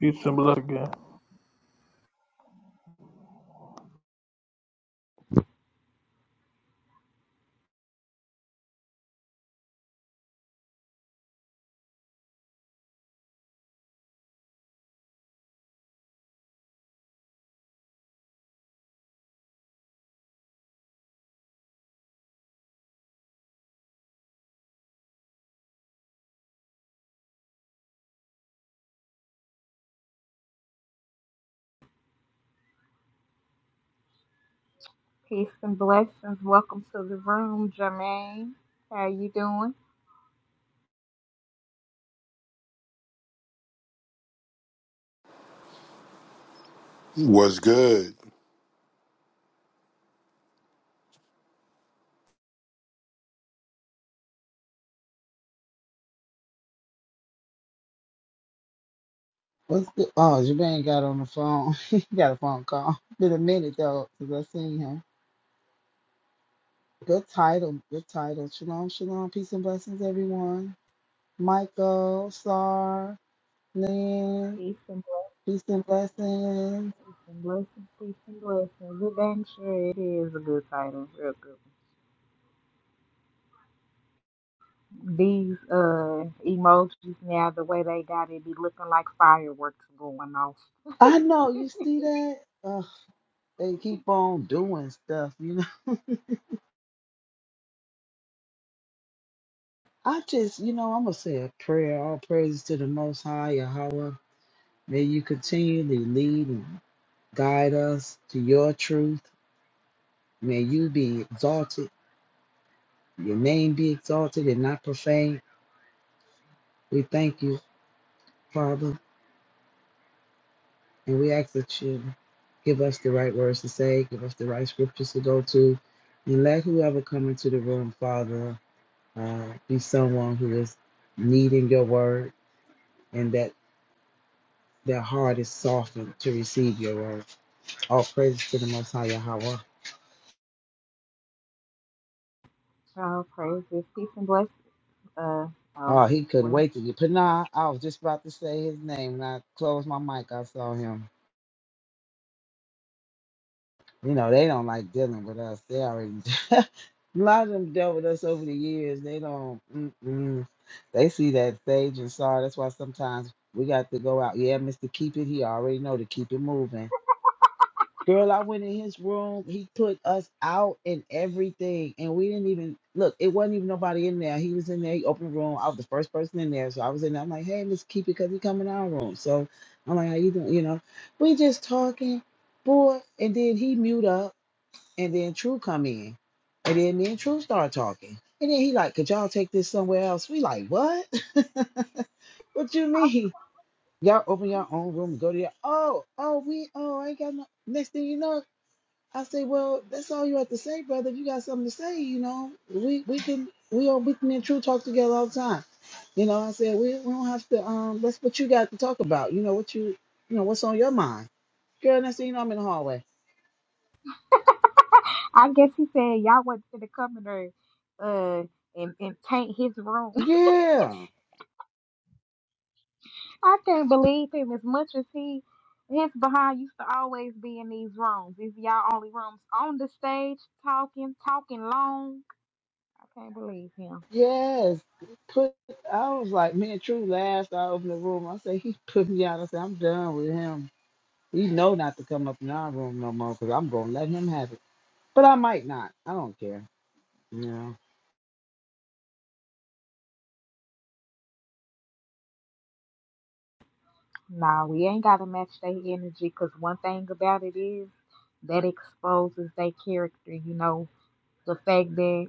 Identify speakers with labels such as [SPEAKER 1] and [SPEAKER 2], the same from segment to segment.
[SPEAKER 1] You symbolize again.
[SPEAKER 2] Peace and blessings. Welcome to the room, Jermaine. How you doing?
[SPEAKER 3] Was good?
[SPEAKER 4] What's good? Oh, Jermaine got on the phone. he got a phone call. Been a minute though since I seen him. Good title. Good title. Shalom, shalom. Peace and blessings, everyone. Michael, Sar, Lynn.
[SPEAKER 2] Peace and
[SPEAKER 4] Peace and blessings.
[SPEAKER 2] blessings, blessings, peace and blessings. It ain't sure it is a good title, real good. These uh emojis now, the way they got it, be looking like fireworks going off.
[SPEAKER 4] I know you see that. Ugh, they keep on doing stuff, you know. I just, you know, I'm gonna say a prayer. All praises to the Most High Yahweh. May you continually lead and guide us to your truth. May you be exalted Your name be exalted and not profaned. We thank you, Father, and we ask that you give us the right words to say, give us the right scriptures to go to, and let whoever come into the room, Father, uh, be someone who is needing your word and that their heart is softened to receive your word. All praise to the Most High Yahweh.
[SPEAKER 2] Oh, praise this peace and blessings. Uh oh,
[SPEAKER 4] Oh, he couldn't
[SPEAKER 2] well,
[SPEAKER 4] wait to get. But nah, I was just about to say his name. When I closed my mic, I saw him. You know, they don't like dealing with us. They already a lot of them dealt with us over the years. They don't. Mm-mm. They see that sage and sorry. That's why sometimes we got to go out. Yeah, Mister Keep It. He already know to keep it moving. Girl, I went in his room. He put us out and everything, and we didn't even look. It wasn't even nobody in there. He was in there. He opened the room. I was the first person in there, so I was in there. I'm like, hey, Mr. Keep It, because he come in our room. So I'm like, how you doing? You know, we just talking, boy. And then he mute up. And then True come in. And then me and True start talking. And then he like, could y'all take this somewhere else? We like, what? what you mean? Y'all open your own room, go to your oh, oh, we oh, I ain't got no next thing you know, I say, Well, that's all you have to say, brother. If you got something to say, you know, we we can we all we me and True talk together all the time. You know, I said, we, we don't have to um that's what you got to talk about, you know, what you you know, what's on your mind. Girl, next thing you know, I'm in the hallway.
[SPEAKER 2] I guess he said y'all wasn't gonna come in there, uh, and and paint his room.
[SPEAKER 4] Yeah.
[SPEAKER 2] I can't believe him as much as he his behind used to always be in these rooms, these y'all only rooms on the stage talking, talking long. I can't believe him.
[SPEAKER 4] Yes, put. I was like, me and True last. I opened the room. I said he put me out. I said I'm done with him. He know not to come up in our room no more because I'm gonna let him have it. But I might not. I don't care.
[SPEAKER 2] Nah, we ain't gotta match their energy because one thing about it is that exposes their character, you know, the fact that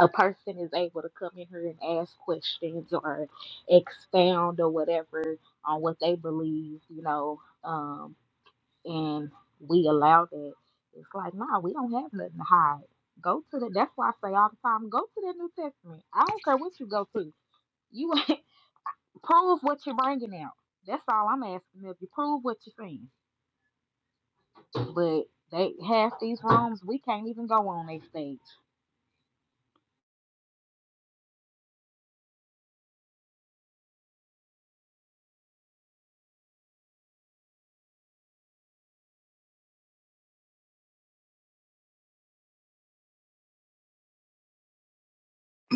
[SPEAKER 2] a person is able to come in here and ask questions or expound or whatever on what they believe, you know. Um, and we allow that. It's like, nah, we don't have nothing to hide. Go to the. That's why I say all the time, go to the New Testament. I don't care what you go to. You prove what you're bringing out. That's all I'm asking. If you prove what you're saying, but they have these rooms, we can't even go on that stage.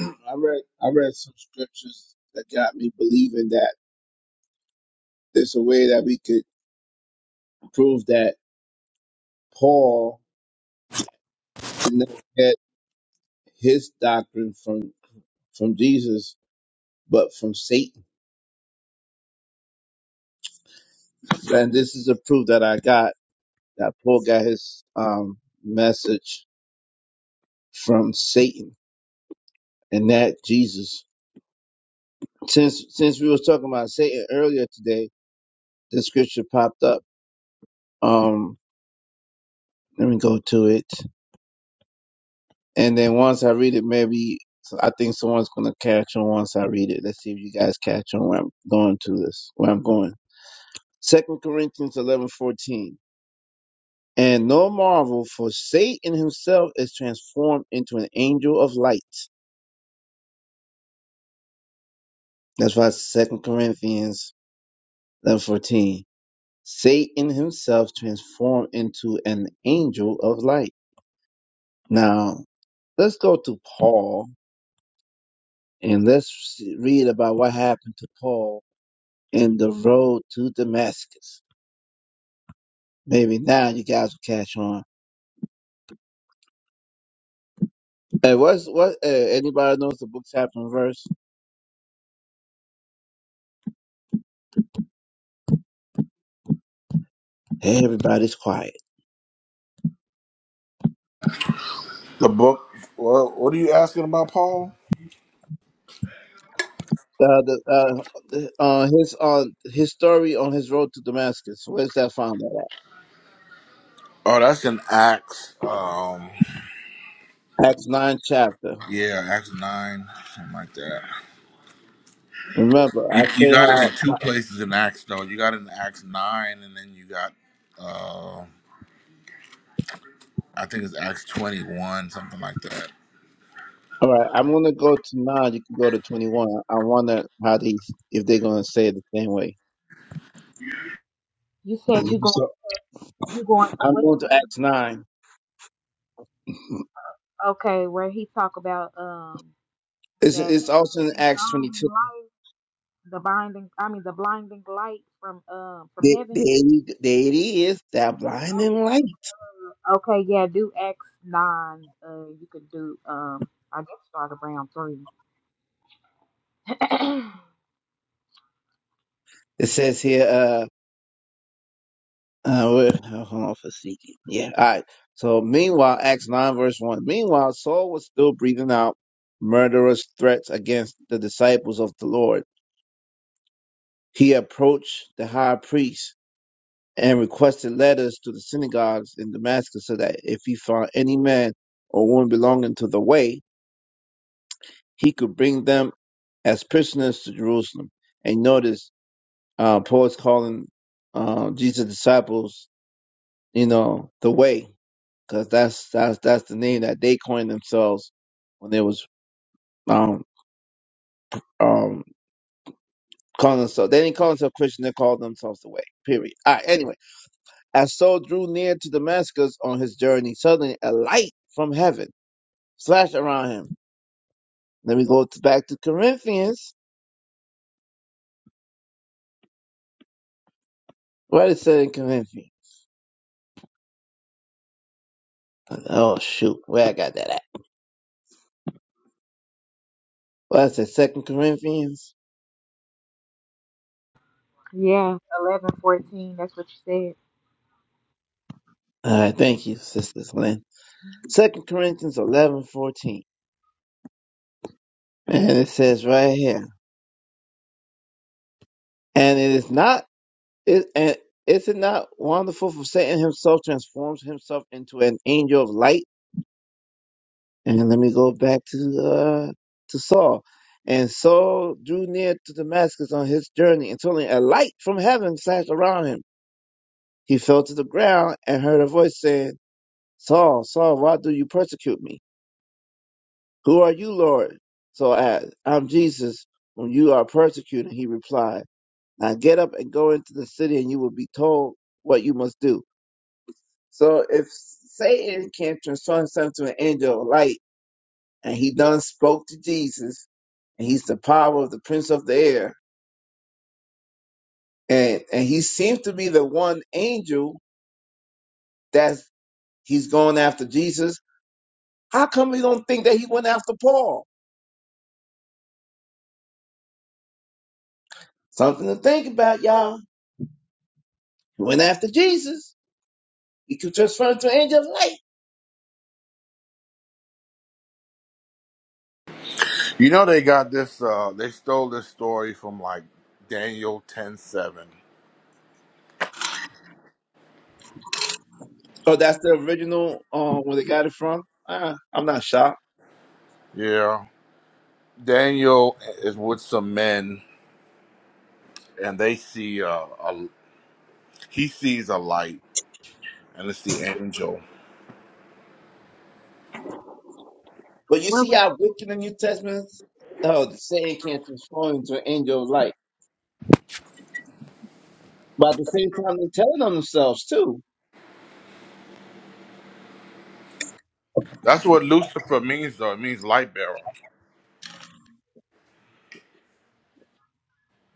[SPEAKER 5] I read I read some scriptures that got me believing that there's a way that we could prove that Paul did not get his doctrine from from Jesus, but from Satan. And this is a proof that I got that Paul got his um, message from Satan and that Jesus. Since since we was talking about Satan earlier today, the scripture popped up. Um, let me go to it. And then once I read it, maybe so I think someone's gonna catch on once I read it. Let's see if you guys catch on where I'm going to this, where I'm going. Second Corinthians eleven fourteen. And no marvel, for Satan himself is transformed into an angel of light. That's why Second Corinthians eleven fourteen. Satan himself transformed into an angel of light. Now let's go to Paul and let's read about what happened to Paul in the road to Damascus. Maybe now you guys will catch on. Hey, what's what? Uh, anybody knows the book chapter and verse? Hey, everybody's quiet.
[SPEAKER 6] The book. What, what are you asking about, Paul?
[SPEAKER 5] Uh, the, uh, the, uh, uh, his uh, his story on his road to Damascus. Where's that found at?
[SPEAKER 6] Oh, that's in Acts. Um,
[SPEAKER 5] Acts nine chapter.
[SPEAKER 6] yeah, Acts nine, something like that.
[SPEAKER 5] Remember,
[SPEAKER 6] You,
[SPEAKER 5] I
[SPEAKER 6] you
[SPEAKER 5] say
[SPEAKER 6] got it in
[SPEAKER 5] how.
[SPEAKER 6] two places in Acts though. You got it in Acts nine, and then you got, uh, I think it's Acts twenty one, something like that.
[SPEAKER 5] All right, I'm gonna go to nine. You can go to twenty one. I wonder how these if they're gonna say it the same way.
[SPEAKER 2] You said you going,
[SPEAKER 5] So
[SPEAKER 2] you going to
[SPEAKER 5] I'm
[SPEAKER 2] what
[SPEAKER 5] going to
[SPEAKER 2] one?
[SPEAKER 5] Acts nine.
[SPEAKER 2] Okay, where he talk about um
[SPEAKER 5] It's
[SPEAKER 2] that
[SPEAKER 5] it's also in
[SPEAKER 2] they
[SPEAKER 5] Acts
[SPEAKER 2] found
[SPEAKER 5] 22.
[SPEAKER 2] in life the binding, I mean the blinding light from um from
[SPEAKER 5] There,
[SPEAKER 2] heaven
[SPEAKER 5] there, you- there it is. That blinding
[SPEAKER 2] Uh,
[SPEAKER 5] light.
[SPEAKER 2] Okay, yeah, do X nine. Uh, you could do um, I guess start around three.
[SPEAKER 5] It says here, uh, uh, where, oh, hold on for seeking. Yeah. All right. So meanwhile, Acts 9 verse 1. Meanwhile, Saul was still breathing out murderous threats against the disciples of the Lord. He approached the high priest and requested letters to the synagogues in Damascus so that if he found any man or woman belonging to the way, he could bring them as prisoners to Jerusalem. And notice Uh, poets calling uh, Jesus' disciples, you know, the way, because that's that's that's the name that they coined themselves when they was um um calling themselves. They didn't call themselves Christian; they called themselves the way. Period. All right, anyway, as Saul drew near to Damascus on his journey, suddenly a light from heaven flashed around him. Let me go to, back to Corinthians. Where it said in Corinthians? Oh shoot, where I got that at? Well, it said Second Corinthians.
[SPEAKER 2] yeah, eleven, fourteen. That's what you said.
[SPEAKER 5] All right, thank you, sisters.
[SPEAKER 2] Mhm.
[SPEAKER 5] Second Corinthians eleven fourteen, and it says right here, and it is not, it, and is it not wonderful for Satan himself transforms himself into an angel of light? And let me go back to uh, to Saul, and Saul drew near to Damascus on his journey, and suddenly a light from heaven flashed around him. He fell to the ground and heard a voice saying, "Saul, Saul, why do you persecute me? Who are you, Lord?" So I, asked, "I'm Jesus, whom you are persecuting." He replied. Now get up and go into the city, and you will be told what you must do. So if Satan can transform himself to an angel of light, and he done spoke to Jesus, and he's the power of the prince of the air, and and he seems to be the one angel that he's going after Jesus. How come we don't think that he went after Paul? Something to think about, y'all. He went after Jesus. He could transform to an angel of light.
[SPEAKER 6] You know they got this. Uh, they stole this story from like Daniel ten seven.
[SPEAKER 5] Oh, that's the original uh, where they got it from. Uh, I'm not shocked.
[SPEAKER 6] Yeah, Daniel is with some men, and they see uh, a he sees a light, and it's the angel.
[SPEAKER 5] But you
[SPEAKER 2] What
[SPEAKER 5] see
[SPEAKER 2] was
[SPEAKER 5] how wicked in the New Testament oh, the saying can't transform into an angel of light. But at the same time, they're telling on themselves too.
[SPEAKER 6] That's what Lucifer means, though. It means light bearer.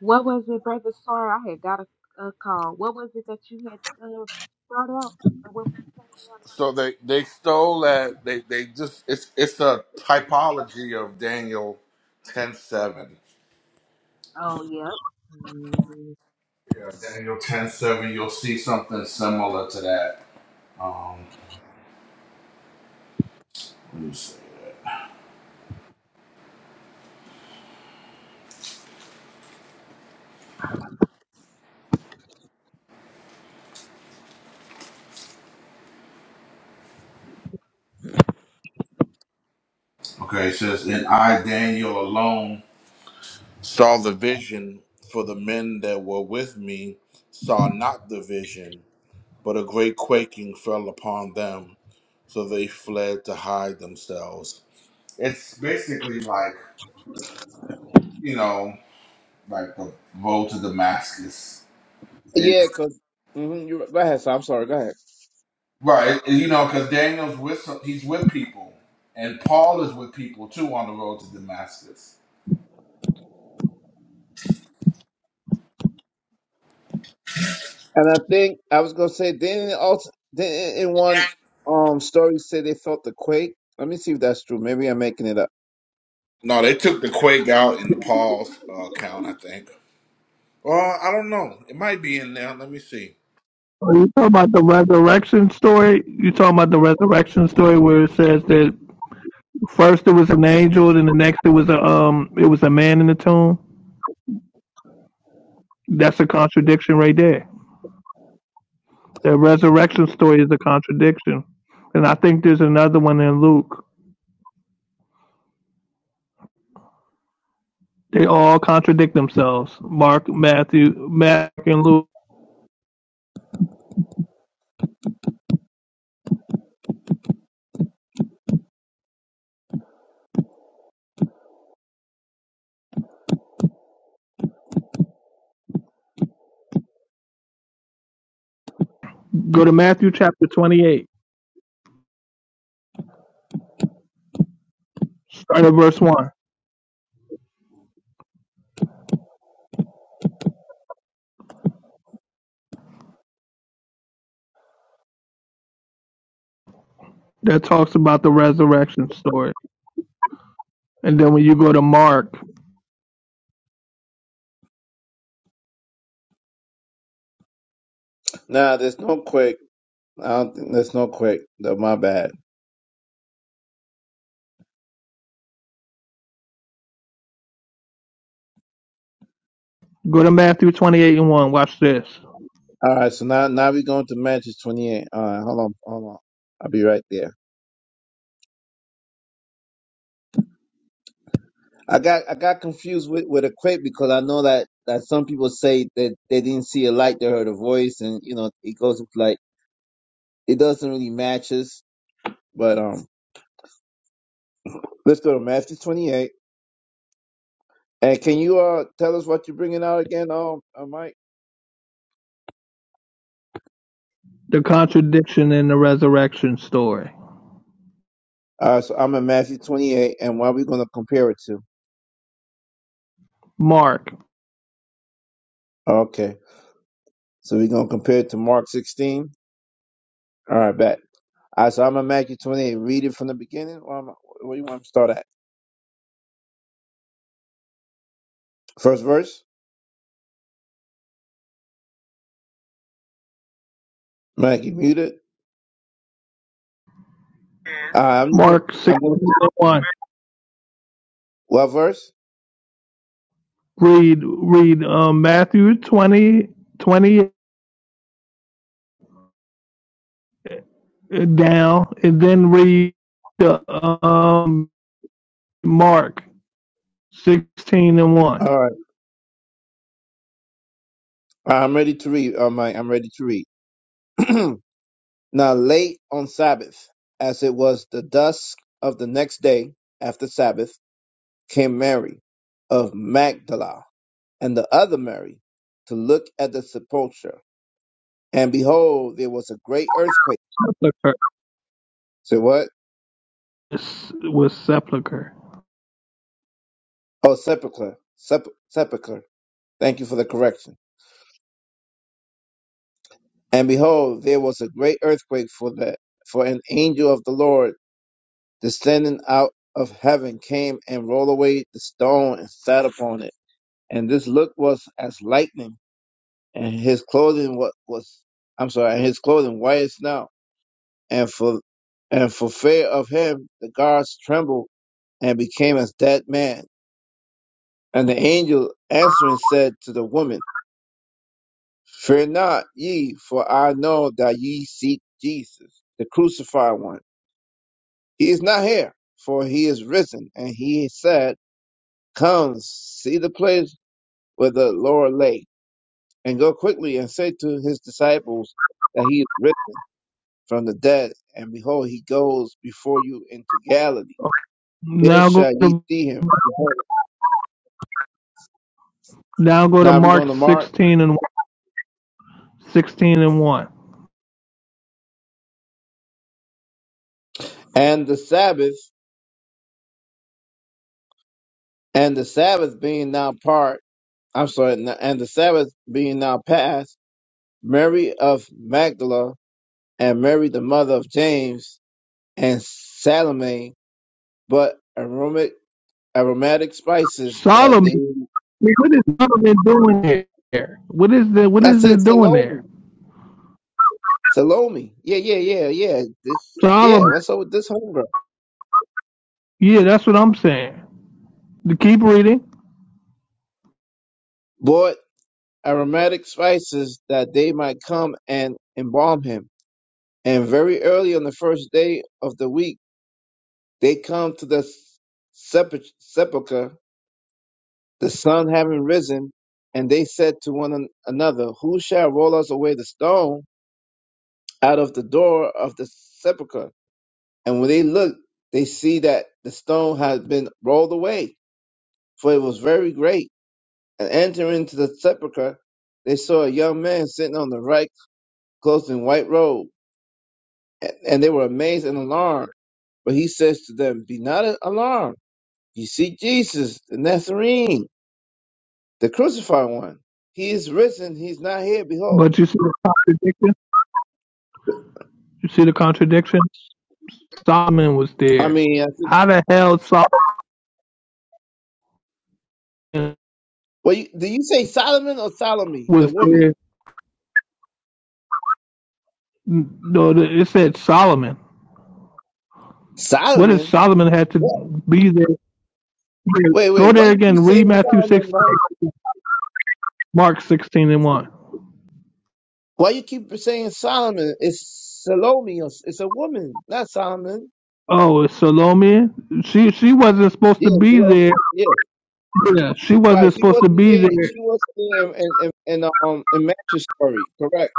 [SPEAKER 2] what was it, brother? Sorry, I had got a, a call. What was it that you had uh, brought out? Or what was you
[SPEAKER 6] So they they stole that. They they just it's it's a typology of Daniel ten seven.
[SPEAKER 2] saying about it? Oh, yep. Mhm.
[SPEAKER 6] Yeah, Daniel ten seven. You'll see something similar to that. Um, let me see. Okay, it says, and I Daniel alone saw the vision, for the men that were with me saw not the vision, but a great quaking fell upon them, so they fled to hide themselves. It's basically like you know, like the road to Damascus. It,
[SPEAKER 5] Yeah, because mm-hmm, you're right. Go ahead, so I'm sorry. Go ahead.
[SPEAKER 6] right, and, you know, because Daniel's with some, he's with people, and Paul is with people too on the road to Damascus.
[SPEAKER 5] And I think I was gonna say then it also then in one um story say they felt the quake. Let me see if that's true. Maybe I'm making it up.
[SPEAKER 6] No, they took the quake out in the Paul's uh, account, I think. Well, I don't know. It might be in there. Let me see.
[SPEAKER 1] Are you talking about the resurrection story? You talking about the resurrection story where it says that first it was an angel, then the next it was a um it was a man in the tomb? That's a contradiction right there. The resurrection story is a contradiction. And I think there's another one in Luke. They all contradict themselves. Mark, Matthew, Mark and Luke. Go to Matthew chapter twenty eight. Start at verse one. That talks about the resurrection story. And then when you go to Mark
[SPEAKER 5] Nah, there's no quake. I don't think there's no quake. No, my bad.
[SPEAKER 1] Go to Matthew 28 and 1. Watch this.
[SPEAKER 5] All right, so now now we're going to Matthew 28. All right, hold on, hold on. I'll be right there. I got I got confused with with a quake because I know that that some people say that they didn't see a light, they heard a voice, and you know it goes with like it doesn't really matches. But um, let's go to Matthew twenty eight. And can you uh tell us what you're bringing out again, um, uh, Mike?
[SPEAKER 1] The contradiction in the resurrection story.
[SPEAKER 5] Uh, so I'm in Matthew 28, and what are we going to compare it to?
[SPEAKER 1] Mark.
[SPEAKER 5] Okay, so we're going to compare it to Mark 16. All right, bet. All right, so I'm in Matthew 28. Read it from the beginning. Or I'm, where do you want to start at? First verse. Mike, you muted. Uh, I'm just gonna-
[SPEAKER 1] Mark 16
[SPEAKER 5] I'm going.
[SPEAKER 1] and 1.
[SPEAKER 5] What verse?
[SPEAKER 1] Read, read um, Matthew twenty, twenty down, and then read the, um, Mark 16 and 1.
[SPEAKER 5] All right. I'm ready to read. Oh my, I'm ready to read. now late on Sabbath, as it was the dusk of the next day after Sabbath, came Mary of Magdala and the other Mary to look at the sepulchre. And behold, there was a great earthquake.
[SPEAKER 1] Sepulcher
[SPEAKER 5] So what?
[SPEAKER 1] was sepulcher.
[SPEAKER 5] Oh, sepulchre. Sep- sepulchre. Thank you for the correction. And behold, there was a great earthquake for that, for an angel of the Lord descending out of heaven came and rolled away the stone and sat upon it. And this look was as lightning, and his clothing was, was I'm sorry, and his clothing white as snow. And for and for fear of him, the guards trembled and became as dead men. And the angel answering said to the woman, Fear not ye, for I know that ye seek Jesus, the crucified one. He is not here, for he is risen, and he said. Come, see the place where the Lord lay, and go quickly and say to his disciples that he is risen from the dead, and behold, he goes before you into Galilee. There
[SPEAKER 1] Now
[SPEAKER 5] shall
[SPEAKER 1] go
[SPEAKER 5] ye
[SPEAKER 1] to
[SPEAKER 5] see him. Behold.
[SPEAKER 1] now go to
[SPEAKER 5] Now we're going
[SPEAKER 1] Mark
[SPEAKER 5] to mark
[SPEAKER 1] 16 and 1. 16 and 1.
[SPEAKER 5] and the Sabbath, and the Sabbath being now part. I'm sorry, n- and the Sabbath being now past. Mary of Magdala and Mary the mother of James and Salome, but aromatic spices that
[SPEAKER 1] Solomon.
[SPEAKER 5] they
[SPEAKER 1] mean, what is government doing there? What is the what
[SPEAKER 5] that's
[SPEAKER 1] is
[SPEAKER 5] it
[SPEAKER 1] it doing
[SPEAKER 5] salome
[SPEAKER 1] there?
[SPEAKER 5] salome yeah yeah yeah yeah this
[SPEAKER 1] So all of
[SPEAKER 5] yeah what's up with this homegirl
[SPEAKER 1] yeah, that's what I'm saying. To keep reading,
[SPEAKER 5] bought aromatic spices that they might come and embalm him and very early on the first day of the week they come to the sepul- sepulchre the sun having risen and they said to one an- another who shall roll us away the stone out of the door of the sepulchre?" And when they look, they see that the stone had been rolled away, for it was very great. And entering into the sepulchre, they saw a young man sitting on the right, clothed in white robe. And, and they were amazed and alarmed. But he says to them, Be not alarmed. You see Jesus, the Nazarene, the crucified one. He is risen. He's not here. Behold.
[SPEAKER 1] but you see the contradiction. You see the contradiction. Solomon was
[SPEAKER 5] I
[SPEAKER 1] there.
[SPEAKER 5] mean, I think,
[SPEAKER 1] How the hell Solomon
[SPEAKER 5] well, you, do you say Solomon or Salome, the
[SPEAKER 1] was
[SPEAKER 5] woman?
[SPEAKER 1] there? No, it said Solomon. What did
[SPEAKER 5] Solomon?
[SPEAKER 1] Solomon had to
[SPEAKER 5] What?
[SPEAKER 1] be there?
[SPEAKER 5] Wait, wait.
[SPEAKER 1] Go
[SPEAKER 5] Why
[SPEAKER 1] there
[SPEAKER 5] you
[SPEAKER 1] again.
[SPEAKER 5] keep saying
[SPEAKER 1] Read Matthew six,
[SPEAKER 5] Solomon, Ryan?
[SPEAKER 1] Mark sixteen and one.
[SPEAKER 5] Why you keep saying Solomon? It's Salome. or- It's a woman, not Solomon.
[SPEAKER 1] Oh, it's Salome. She she wasn't supposed to
[SPEAKER 5] Yeah,
[SPEAKER 1] be
[SPEAKER 5] Salome.
[SPEAKER 1] there.
[SPEAKER 5] Yeah,
[SPEAKER 1] Yeah, she
[SPEAKER 5] right.
[SPEAKER 1] wasn't
[SPEAKER 5] She
[SPEAKER 1] supposed to
[SPEAKER 5] wasn't
[SPEAKER 1] be
[SPEAKER 5] there.
[SPEAKER 1] there
[SPEAKER 5] She wasn't there in in, in um in Matthew's story, correct?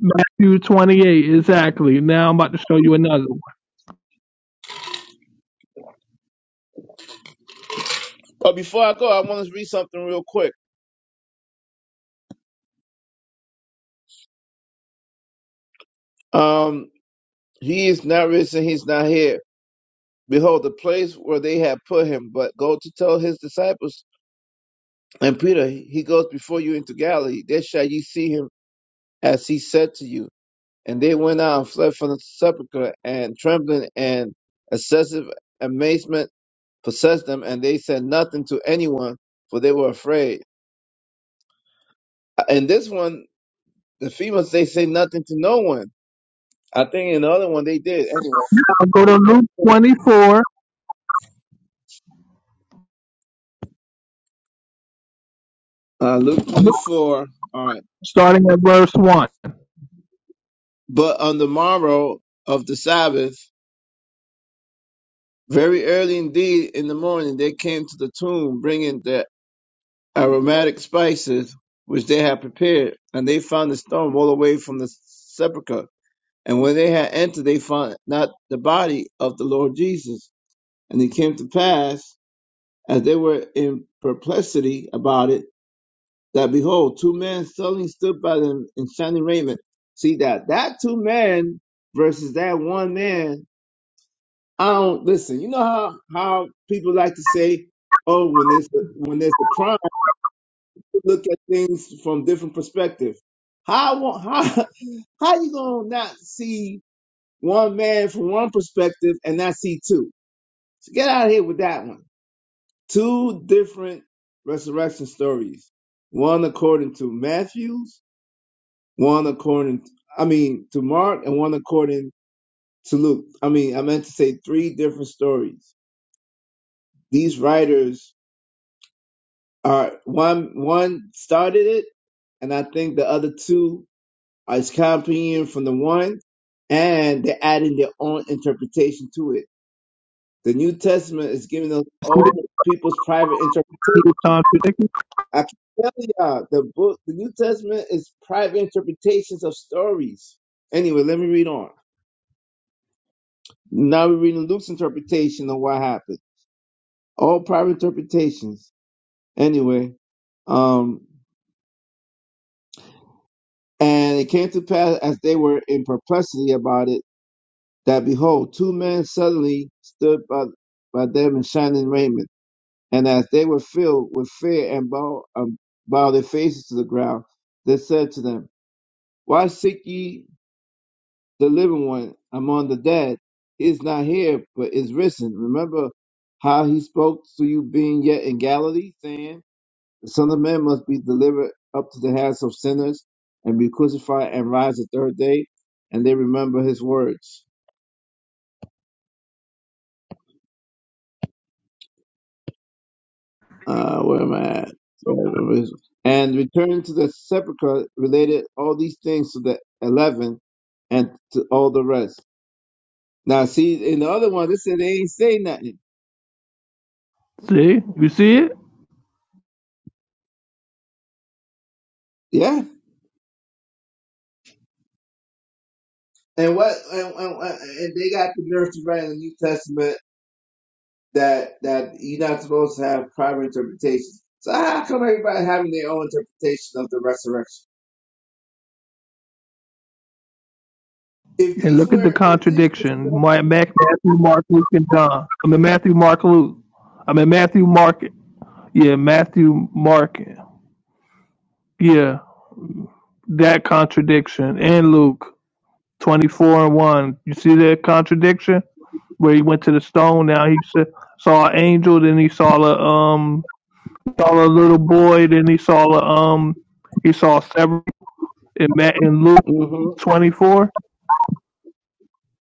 [SPEAKER 1] Matthew 28, exactly. Now I'm about to show you another. one.
[SPEAKER 5] But before I go, I want to read something real quick. Um, he is not risen. He's not here. Behold, the place where they have put him. But go to tell his disciples and Peter. He goes before you into Galilee. There shall ye see him, as he said to you. And they went out and fled from the sepulchre, and trembling and excessive amazement possessed them, and they said nothing to anyone, for they were afraid. And this one, the females, they say nothing to no one. I think in the other one they did. Anyway,
[SPEAKER 1] Now go to
[SPEAKER 5] Luke
[SPEAKER 1] Luke
[SPEAKER 5] 24.
[SPEAKER 1] 24,
[SPEAKER 5] uh, Luke 24. All right.
[SPEAKER 1] starting at verse 1.
[SPEAKER 5] But on the morrow of the Sabbath, very early indeed in the morning, they came to the tomb, bringing their aromatic spices which they had prepared, and they found the stone rolled away from the sepulchre. And when they had entered, they found not the body of the Lord Jesus. And it came to pass, as they were in perplexity about it, that behold, two men suddenly stood by them in shining raiment. See that that two men versus that one man. I don't listen. You know how how people like to say, "Oh, when there's a, when there's a crime." look at things from different perspective. How wa- how how you gonna not see one man from one perspective and not see two? So get out of here with that one. Two different resurrection stories. One according to Matthew's, one according I mean to Mark, and one according to Luke. I mean, I meant to say three different stories. These writers are one one started it, and I think the other two It's copying from the one, and they're adding their own interpretation to it. The New Testament is giving us
[SPEAKER 1] See,
[SPEAKER 5] all people's private interpretation. I can tell y'all, the book, the New Testament is private interpretations of stories. Anyway, let me read on. Now we're reading Luke's interpretation of what happened. All private interpretations. Anyway, um, and it came to pass as they were in perplexity about it that behold, two men suddenly stood by, by them in shining raiment. And as they were filled with fear and bowed, um, bowed their faces to the ground, they said to them, Why seek ye the living one among the dead? He is not here, but is risen. Remember how he spoke to you being yet in Galilee, saying, The Son of Man must be delivered up to the hands of sinners and be crucified and rise the third day. And they remember his words. uh, where am I at? Uh, And return to the sepulchre related all these things to the eleven and to all the rest. Now, see, in the other one, they said they ain't say nothing.
[SPEAKER 1] you see it?
[SPEAKER 5] Yeah. And what? And, and, and they got the nerve to write in the New Testament that that you're not supposed to have private interpretations. So how come everybody having their own interpretation of the resurrection? If
[SPEAKER 1] And
[SPEAKER 5] these
[SPEAKER 1] look at the
[SPEAKER 5] were, if this,
[SPEAKER 1] contradiction. Ma- Matthew, Mark, Luke, and John. I mean, Matthew, Mark, Luke. I mean, Matthew, Mark. Yeah, Matthew, Mark. Yeah, that contradiction. And Luke 24 and 1. You see that contradiction? Where he went to the stone, now he saw an angel, then he saw a um saw a little boy, then he saw a um he saw several in Matt in Luke
[SPEAKER 5] Mhm.
[SPEAKER 1] twenty four.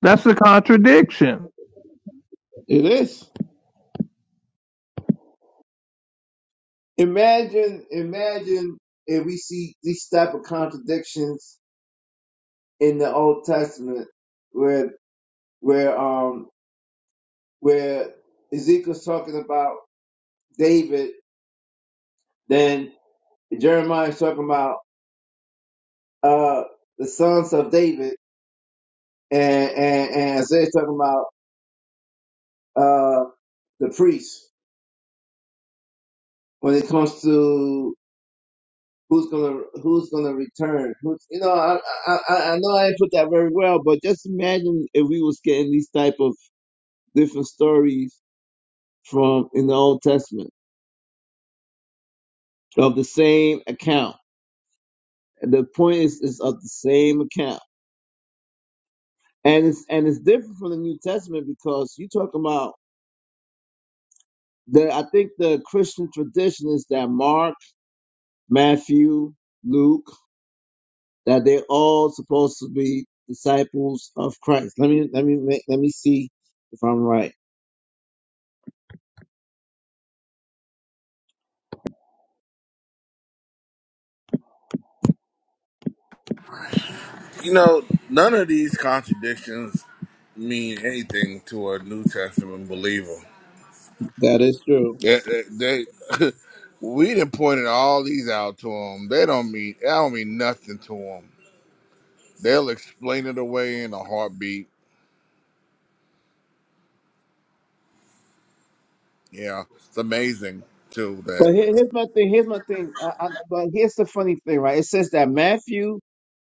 [SPEAKER 1] That's a contradiction.
[SPEAKER 5] it is. Imagine, imagine if we see these type of contradictions in the Old Testament, where where um where Ezekiel's talking about David, then Jeremiah's talking about uh the sons of David, and and, and Isaiah's talking about uh the priests when it comes to who's gonna who's gonna return. Who's you know I I I I know I didn't put that very well, but just imagine if we was getting these type of different stories from in the Old Testament of the same account. And the point is, is of the same account, and it's and it's different from the New Testament because you talk about the. I think the Christian tradition is that Mark, Matthew, Luke, that they're all supposed to be disciples of Christ. Let me let me make, let me see if I'm right.
[SPEAKER 6] You know, none of these contradictions mean anything to a New Testament believer.
[SPEAKER 5] That is true.
[SPEAKER 6] They, they, they- we done pointed all these out to them. They don't mean I don't mean nothing to them. They'll explain it away in a heartbeat. Yeah, it's amazing too that.
[SPEAKER 5] But here- here's my thing. Here's my thing. I, I, but here's the funny thing, right? It says that Matthew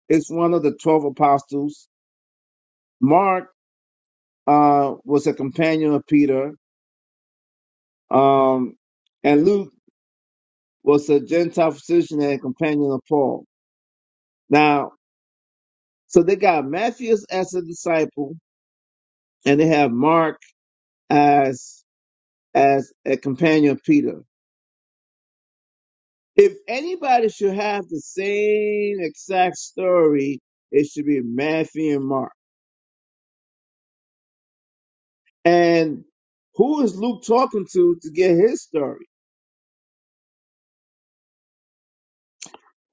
[SPEAKER 5] is one of the twelve apostles. Mark uh, was a companion of Peter, um, and Luke was a Gentile physician and companion of Paul. Now, so they got Matthew as a disciple, and they have Mark as as a companion of Peter. If anybody should have the same exact story, it should be Matthew and Mark. And who is Luke talking to to get his story?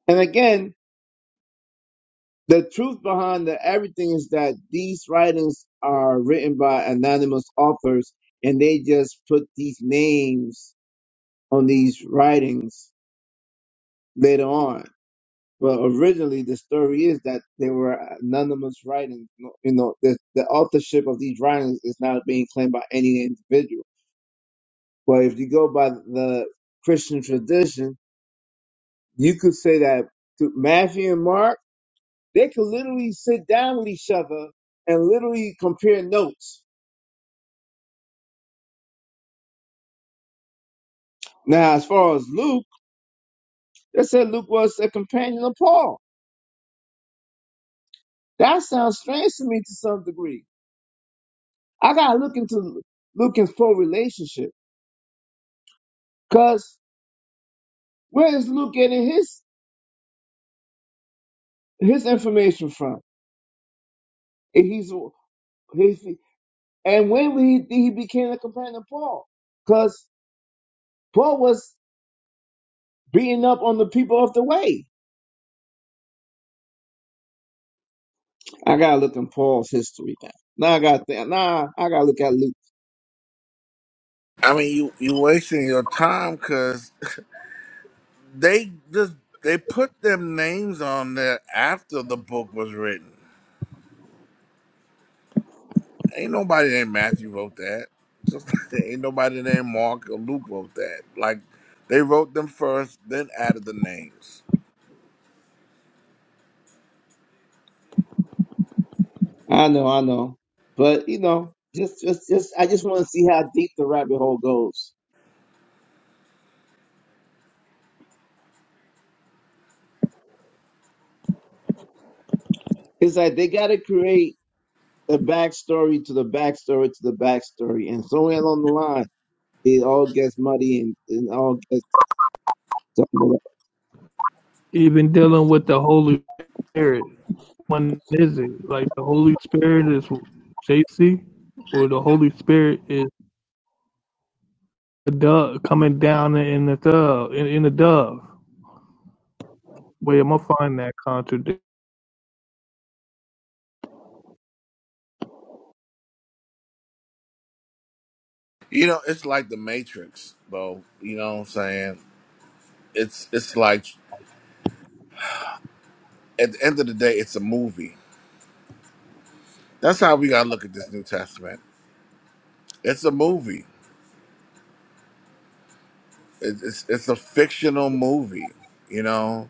[SPEAKER 5] And again, the truth behind the everything is that these writings are written by anonymous authors and they just put these names on these writings later on. But originally, the story is that they were anonymous writings. No- You know, the, the authorship of these writings is not being claimed by any individual. But if you go by the Christian tradition, You could say that to Matthew and Mark, they could literally sit down with each other and literally compare notes. Now, as far as Luke, they said Luke was a companion of Paul. That sounds strange to me to some degree. I gotta look into Luke and Paul relationship, cause where is Luke getting his his information from? If he's if he, and when he he became a companion of Paul, cause Paul was beating up on the people of the way. I gotta look in Paul's history now. Now I gotta think, nah, I gotta look at Luke.
[SPEAKER 6] I mean, you you wasting your time because they just they put them names on there after the book was written. Ain't nobody named Matthew wrote that. Just like ain't nobody named Mark or Luke wrote that. Like they wrote them first, then added the names.
[SPEAKER 5] I know, I know. But you know, just just just I just wanna see how deep the rabbit hole goes. It's like they gotta create a backstory to the backstory to the backstory and somewhere along the line it all gets muddy and, and all gets jumbled up.
[SPEAKER 1] Even dealing with the Holy Spirit. when is it? Like the Holy Spirit is JC or the Holy Spirit is a dove coming down in the dove in, in the dove. Where am I find that contradiction?
[SPEAKER 6] You know, it's like the Matrix, though. You know what I'm saying? It's it's like at the end of the day, it's a movie. That's how we gotta look at this New Testament. It's a movie. It, it's it's a fictional movie. You know,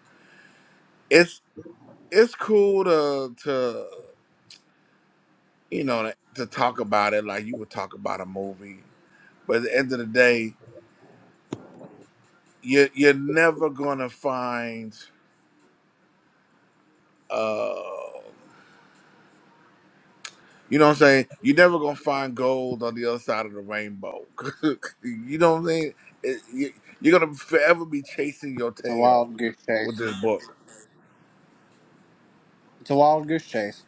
[SPEAKER 6] it's it's cool to to you know to talk about it like you would talk about a movie. But at the end of the day, you you're never gonna find. Uh, You know what I'm saying? You're never gonna find gold on the other side of the rainbow. you know what I'm saying? It- you- you're gonna forever be chasing your
[SPEAKER 7] It's a
[SPEAKER 6] tail
[SPEAKER 7] wild goose
[SPEAKER 6] with
[SPEAKER 7] chase.
[SPEAKER 6] this book.
[SPEAKER 7] It's a wild goose chase.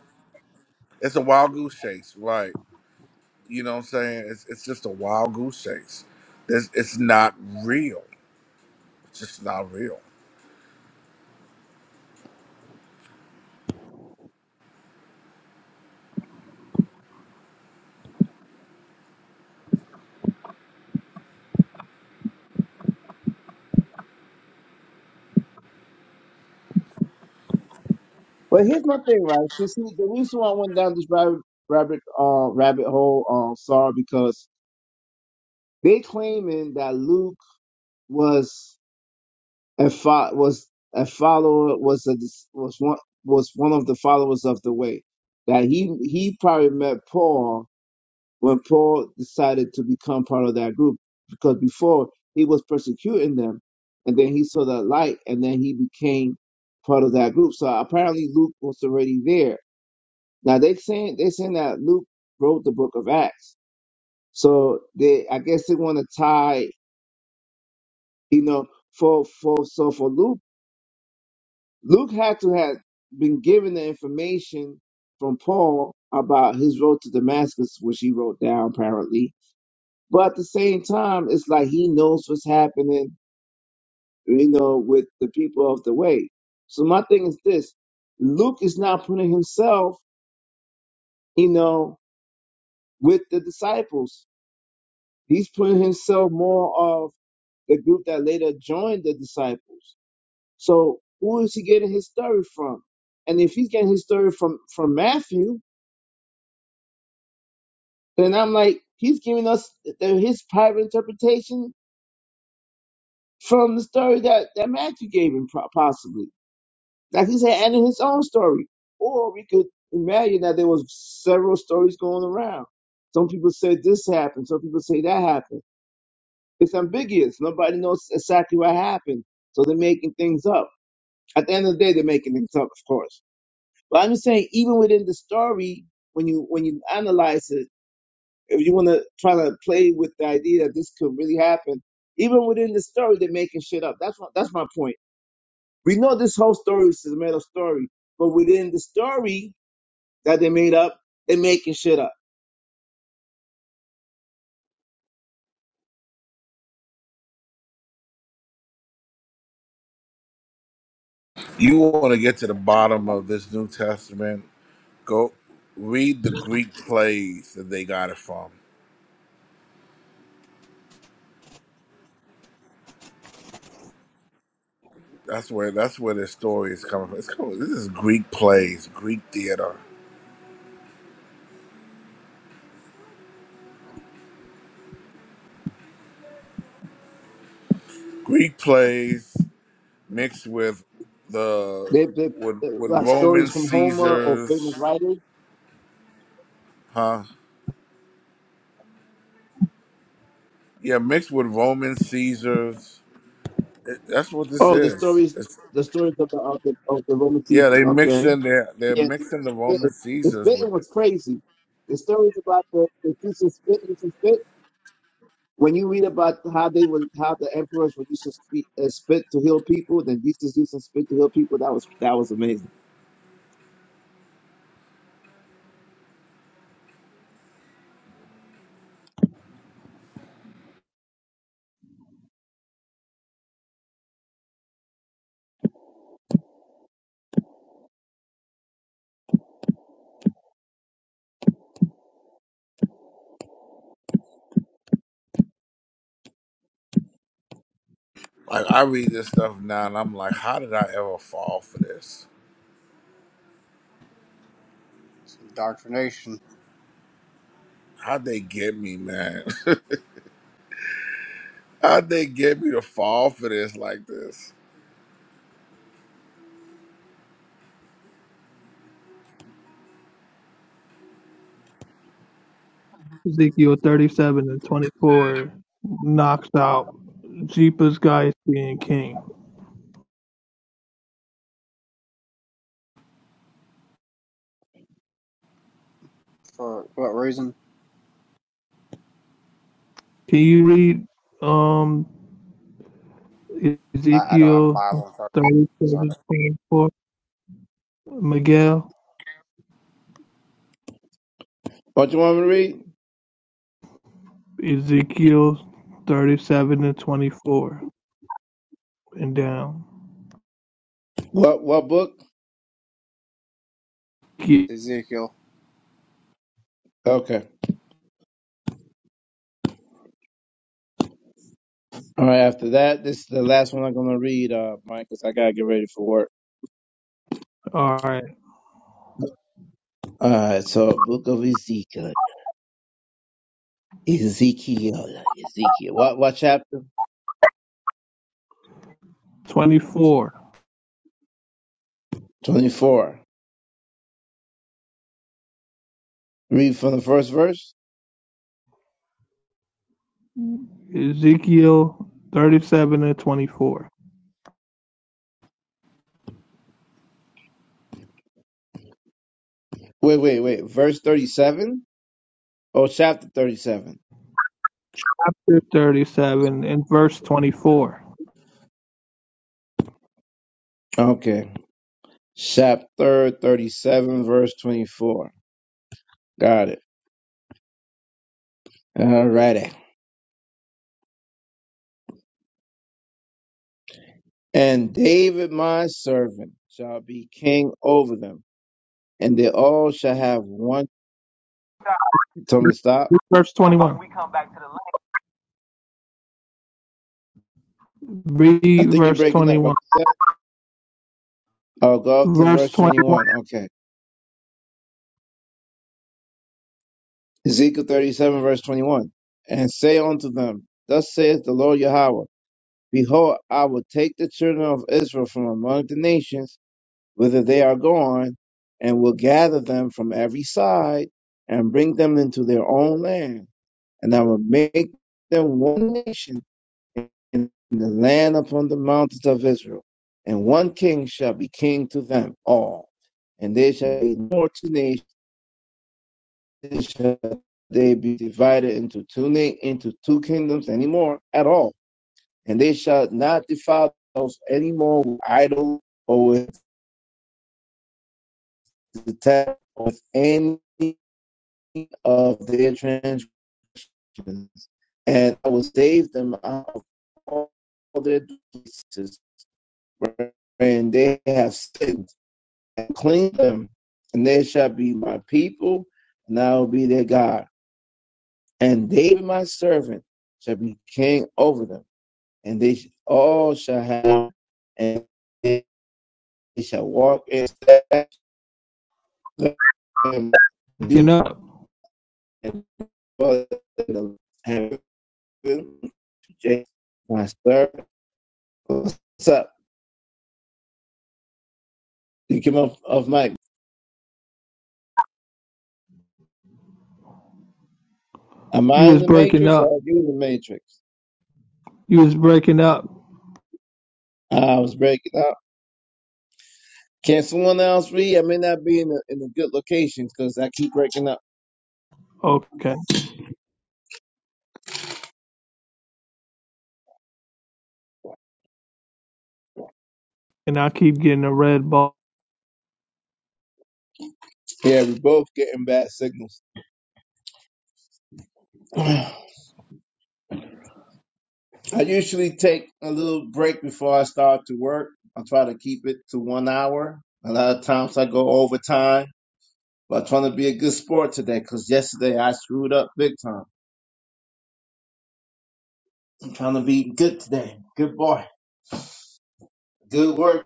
[SPEAKER 6] It's a wild goose chase, right? You know what I'm saying? It's it's just a wild goose chase. It's, it's not real. It's just not real.
[SPEAKER 5] But here's my thing, right? To see the reason why I went down this rabbit rabbit uh rabbit hole uh sorry because they claiming that Luke was and fo- was a follower was a dis- was one was one of the followers of the way that he he probably met Paul when Paul decided to become part of that group because before he was persecuting them and then he saw that light and then he became part of that group so apparently Luke was already there now they saying they saying that Luke wrote the book of Acts so they I guess they want to tie you know for for so for Luke Luke had to have been given the information from Paul about his road to Damascus, which he wrote down apparently. But at the same time, it's like he knows what's happening, you know, with the people of the way. So my thing is this Luke is not putting himself, you know, with the disciples. He's putting himself more of the group that later joined the disciples. So who is he getting his story from? And if he's getting his story from from Matthew, And I'm like, he's giving us the, his private interpretation from the story that, that Matthew gave him, pro- possibly. Like he said, and in his own story. Or we could imagine that there was several stories going around. Some people said this happened. Some people say that happened. It's ambiguous. Nobody knows exactly what happened. So they're making things up. At the end of the day, they're making things up, of course. But I'm just saying, even within the story, when you when you analyze it, if you want to try to play with the idea that this could really happen, even within the story, they're making shit up. That's my, that's my point. We know this whole story is a made up story, but within the story that they made up, they're making shit up.
[SPEAKER 6] You want to get to the bottom of this New Testament? Go read the Greek plays that they got it from. That's where that's where this story is coming from. It's coming. This is Greek plays, Greek theater Greek plays mixed with
[SPEAKER 5] They,
[SPEAKER 6] the
[SPEAKER 5] they,
[SPEAKER 6] with
[SPEAKER 5] they
[SPEAKER 6] with
[SPEAKER 5] like
[SPEAKER 6] Roman
[SPEAKER 5] stories from Homer or
[SPEAKER 6] Caesars,
[SPEAKER 5] famous writers.
[SPEAKER 6] huh? Yeah, mixed with Roman Caesars. It- that's what this
[SPEAKER 5] Oh, the
[SPEAKER 6] is.
[SPEAKER 5] stories,
[SPEAKER 6] It's,
[SPEAKER 5] the stories of the of the, of the Roman
[SPEAKER 6] yeah,
[SPEAKER 5] Caesars.
[SPEAKER 6] they mixed
[SPEAKER 5] Okay,
[SPEAKER 6] in there. They're
[SPEAKER 5] Yeah, the,
[SPEAKER 6] mixing
[SPEAKER 5] the
[SPEAKER 6] the Roman
[SPEAKER 5] spitting. The
[SPEAKER 6] Caesars
[SPEAKER 5] spitting
[SPEAKER 6] with
[SPEAKER 5] was
[SPEAKER 6] it.
[SPEAKER 5] crazy. The stories about the, the teacher spitting, she spit. When you read about how they would, how the emperors would use to uh, spit to heal people, then Jesus used to spit to heal people. That was that was amazing.
[SPEAKER 6] Like I read this stuff now, and I'm like, how did I ever fall for this?
[SPEAKER 7] It's indoctrination.
[SPEAKER 6] How'd they get me, man? How'd they get me to fall for this like this?
[SPEAKER 1] Ezekiel thirty seven and twenty four knocks out Jeepers guys being king.
[SPEAKER 7] For what reason?
[SPEAKER 1] Can you read um
[SPEAKER 7] I, I don't have a
[SPEAKER 1] Ezekiel
[SPEAKER 7] Bible in front of me. Sorry.
[SPEAKER 1] 37:24. Miguel,
[SPEAKER 5] What you want me to read?
[SPEAKER 1] Ezekiel 37 and 24 and down.
[SPEAKER 5] What what book?
[SPEAKER 7] Ezekiel.
[SPEAKER 5] Okay. All right. After that, this is the last one I'm gonna read, uh, Mike, because I gotta get ready for work.
[SPEAKER 1] All right,
[SPEAKER 5] All right. So, Book of Ezekiel, Ezekiel, Ezekiel. What what chapter?
[SPEAKER 1] 24.
[SPEAKER 5] Twenty four. Read from the first verse.
[SPEAKER 1] Ezekiel 37 and 24.
[SPEAKER 5] Wait wait wait. Verse thirty seven. Oh, chapter thirty seven.
[SPEAKER 1] 37 and verse 24.
[SPEAKER 5] Okay. Chapter thirty seven, verse twenty four. Got it. All righty. And David my servant shall be king over them, and they all shall have one. You told me to stop.
[SPEAKER 1] Verse 21. We come back to the.
[SPEAKER 5] I
[SPEAKER 1] Read
[SPEAKER 5] think you're
[SPEAKER 1] verse
[SPEAKER 5] breaking up. What
[SPEAKER 1] 21.
[SPEAKER 5] you said? I'll go up to
[SPEAKER 1] Verse
[SPEAKER 5] verse
[SPEAKER 1] 21.
[SPEAKER 5] 21. Okay. Ezekiel 37, verse 21. And say unto them, Thus saith the Lord Yahweh, Behold, I will take the children of Israel from among the nations, whither they are gone, and will gather them from every side, and bring them into their own land and I will make them one nation in the land upon the mountains of Israel, and one king shall be king to them all, and they shall be no two nations shall they be divided into two na- into two kingdoms anymore at all, and they shall not defile themselves anymore with idols or with the tap or with any of their transgressions, and I will save them out of all their diseases and they have sinned and cleaned them, and they shall be my people, and I will be their God. And David, my servant, shall be king over them, and they all shall have, and they shall walk in steps of
[SPEAKER 1] Breaking
[SPEAKER 5] do
[SPEAKER 1] up.
[SPEAKER 5] and follow them. And my servant, what's up? You came off, off mic. Am
[SPEAKER 1] You
[SPEAKER 5] I in
[SPEAKER 1] was
[SPEAKER 5] the
[SPEAKER 1] breaking
[SPEAKER 5] matrix
[SPEAKER 1] up.
[SPEAKER 5] or are you in the matrix?
[SPEAKER 1] You was breaking up.
[SPEAKER 5] I was breaking up. Can someone else read? I may not be in a, in a good location because I keep breaking up.
[SPEAKER 1] Okay. And I keep getting a red ball.
[SPEAKER 5] Yeah, we both getting bad signals. I usually take a little break before I start to work. I try to keep it to one hour. A lot of times I go overtime, but I'm trying to be a good sport today because yesterday I screwed up big time. I'm trying to be good today. Good boy. Good work.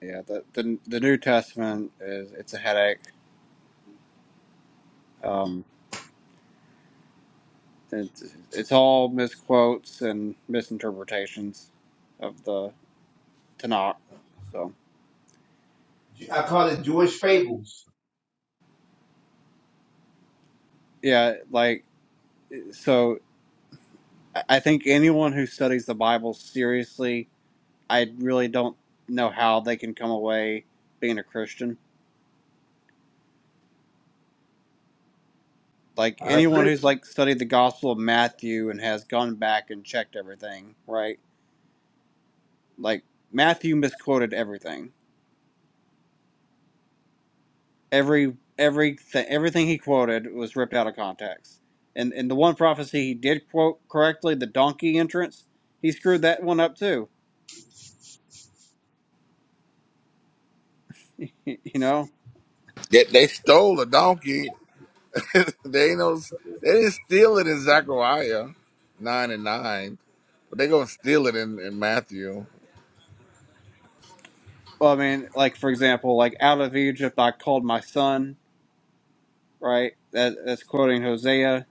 [SPEAKER 7] Yeah, the, the, the New Testament is it's a headache. Um, it's, it's all misquotes and misinterpretations of the Tanakh. So,
[SPEAKER 5] I call it Jewish fables.
[SPEAKER 7] yeah, like, so I I think anyone who studies the Bible seriously, I really don't know how they can come away being a Christian like
[SPEAKER 5] I
[SPEAKER 7] anyone
[SPEAKER 5] agree.
[SPEAKER 7] who's like studied the gospel of matthew and has gone back and checked everything right like matthew misquoted everything every every th- everything he quoted was ripped out of context and and the one prophecy he did quote correctly the donkey entrance he screwed that one up too you know
[SPEAKER 6] Yet they stole a donkey. They ain't no, they didn't steal it in Zechariah nine and nine, but they gonna steal it in, in Matthew.
[SPEAKER 7] well, i mean like for example like out of egypt i called my son right that, that's quoting hosea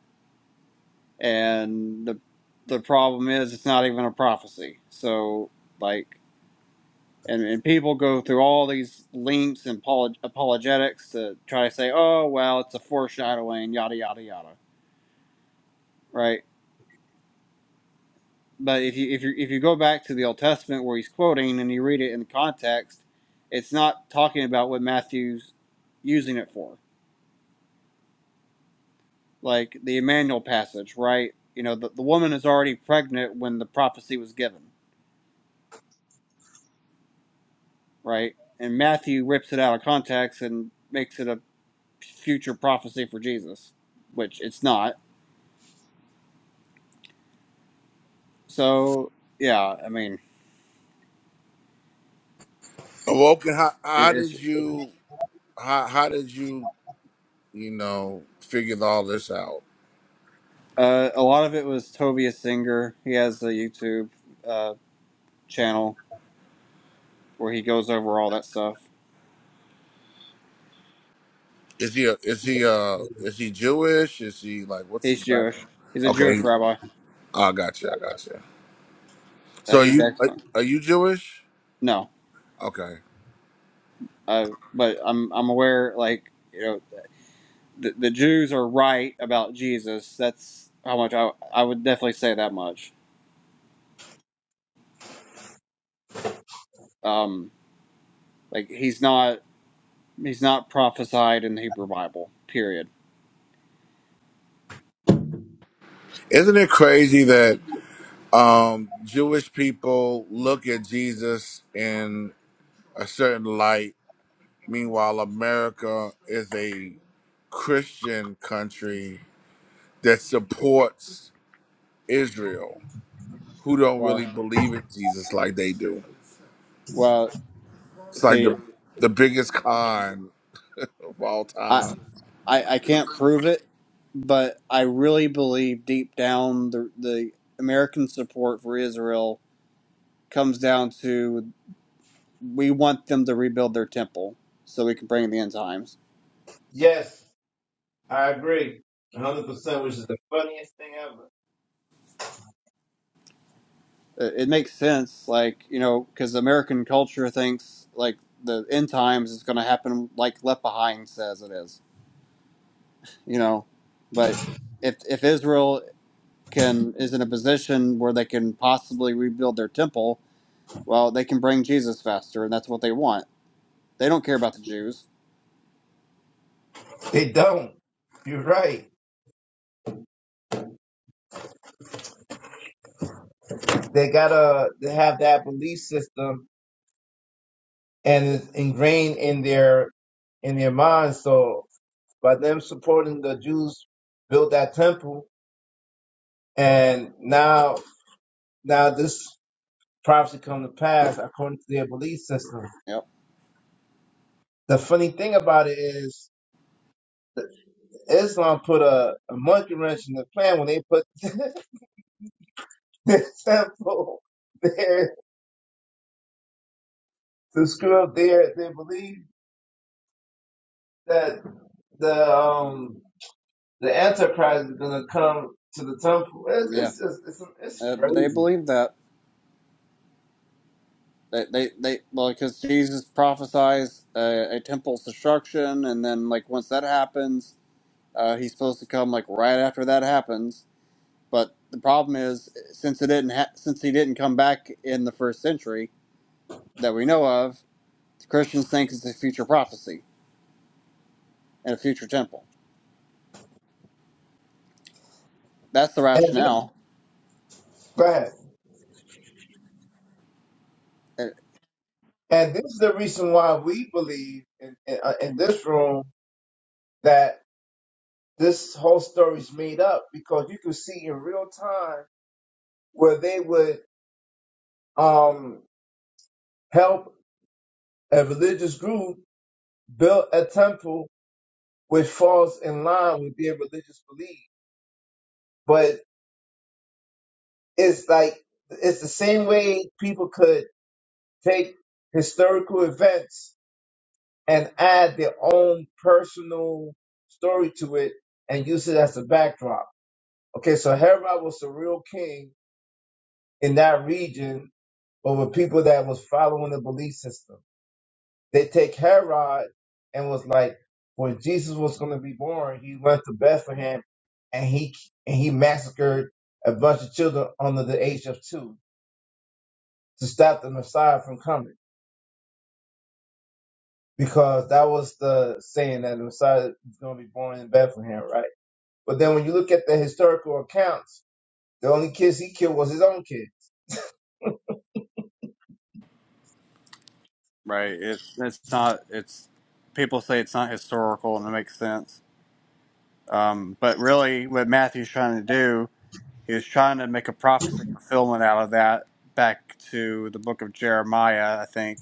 [SPEAKER 7] and the the problem is it's not even a prophecy so like and, and people go through all these links and apolog- apologetics to try to say, oh well, it's a foreshadowing, yada yada yada, right? But if you if you if you go back to the Old Testament where he's quoting and you read it in context, it's not talking about what Matthew's using it for, like the Emmanuel passage, right? You know, the, the woman is already pregnant when the prophecy was given, right? And Matthew rips it out of context and makes it a future prophecy for Jesus, which it's not So yeah, I mean,
[SPEAKER 6] Awoken, how,
[SPEAKER 7] it,
[SPEAKER 6] how
[SPEAKER 7] it's
[SPEAKER 6] did you how how did you you know figure all this out?
[SPEAKER 7] uh, a lot of it was Tobias Singer. He has a YouTube uh, channel where he goes over all that stuff.
[SPEAKER 6] Is he a, is he uh is he Jewish? Is he like what's his
[SPEAKER 7] He's Jewish.
[SPEAKER 6] background?
[SPEAKER 7] He's a
[SPEAKER 6] Okay,
[SPEAKER 7] Jewish rabbi.
[SPEAKER 6] I got you, I got you.
[SPEAKER 7] Uh,
[SPEAKER 6] So are
[SPEAKER 7] he's
[SPEAKER 6] you are,
[SPEAKER 7] excellent.
[SPEAKER 6] are you Jewish?
[SPEAKER 7] No,
[SPEAKER 6] Okay,
[SPEAKER 7] uh, but I'm I'm aware like you know the, the Jews are right about Jesus. That's how much I I would definitely say that much. Um, like he's not he's not prophesied in the Hebrew Bible. Period.
[SPEAKER 6] isn't it crazy that um Jewish people look at Jesus in a certain light Meanwhile, America is a Christian country that supports Israel, who don't
[SPEAKER 7] Well,
[SPEAKER 6] really believe in Jesus like they do.
[SPEAKER 7] well,
[SPEAKER 6] It's like
[SPEAKER 7] see.
[SPEAKER 6] the the biggest con of all
[SPEAKER 7] I.
[SPEAKER 6] time.
[SPEAKER 7] I, I can't prove it, but I really believe deep down the the American support for Israel comes down to we want them to rebuild their temple so we can bring the end times.
[SPEAKER 5] Yes, I agree. 100%, which is the funniest thing ever.
[SPEAKER 7] It, it makes sense, like you know, because American culture thinks like the end times is going to happen like Left Behind says it is, you know, but if if Israel can is in a position where they can possibly rebuild their temple, well, they can bring Jesus faster, and that's what they want They don't care about the Jews.
[SPEAKER 5] They don't. You're right. They gotta they have that belief system and it's ingrained in their in their mind. So by them supporting the Jews built that temple and now now this prophecy come to pass according to their belief system.
[SPEAKER 7] Yep.
[SPEAKER 5] The funny thing about it is Islam put a, a monkey wrench in the plan when they put the temple there to screw up their they believe that the um the Antichrist is gonna come to the temple. It's
[SPEAKER 7] Yeah.
[SPEAKER 5] it's just it's it's
[SPEAKER 7] Uh, but they
[SPEAKER 5] crazy.
[SPEAKER 7] believe that. They, they, they well, because Jesus prophesies uh, a temple's destruction, and then, like, once that happens, uh, he's supposed to come, like, right after that happens. But the problem is, since it didn't, ha- since he didn't come back in the first century that we know of, Christians think it's a future prophecy and a future temple. That's the
[SPEAKER 5] And this
[SPEAKER 7] rationale.
[SPEAKER 5] right.
[SPEAKER 7] It-
[SPEAKER 5] And this is the reason why we believe in in, uh, in this room that this whole story's made up because you can see in real time where they would um help a religious group build a temple which falls in line with their religious belief. But it's like it's the same way people could take historical events and add their own personal story to it and use it as a backdrop. Okay, so Herod was the real king in that region over people that was following the belief system. They take Herod and was like, when Jesus was going to be born, he went to Bethlehem and he and he massacred a bunch of children under the age of two to stop the Messiah from coming because that was the saying that the Messiah is going to be born in Bethlehem, right? But then when you look at the historical accounts, the only kids he killed was his own kid.
[SPEAKER 7] right. It's it's not. It's people say it's not historical, and it makes sense Um, but really, what Matthew's trying to do is trying to make a prophecy fulfillment out of that back to the book of Jeremiah, I think,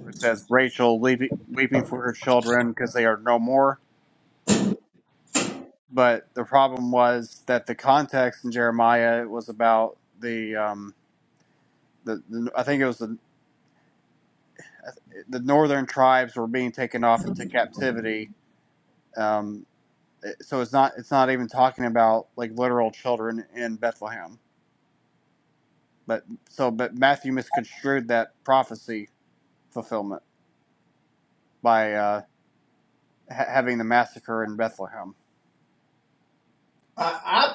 [SPEAKER 7] where it says Rachel weeping, weeping for her children because they are no more. But the problem was that the context in Jeremiah was about the, um, the, the I think it was the, the northern tribes were being taken off into captivity. Um, so it's not it's not even talking about like literal children in Bethlehem But so, but Matthew misconstrued that prophecy fulfillment by uh, ha- having the massacre in Bethlehem.
[SPEAKER 5] I,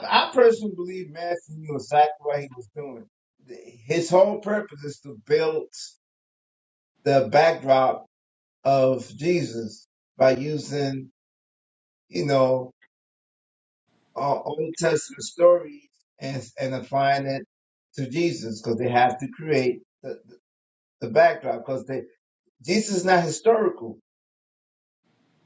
[SPEAKER 5] I, I personally believe Matthew knew exactly what he was doing. His whole purpose is to build the backdrop of Jesus by using, you know, uh, Old Testament stories and and applying it to Jesus because they have to create the, the backdrop because Jesus is not historical.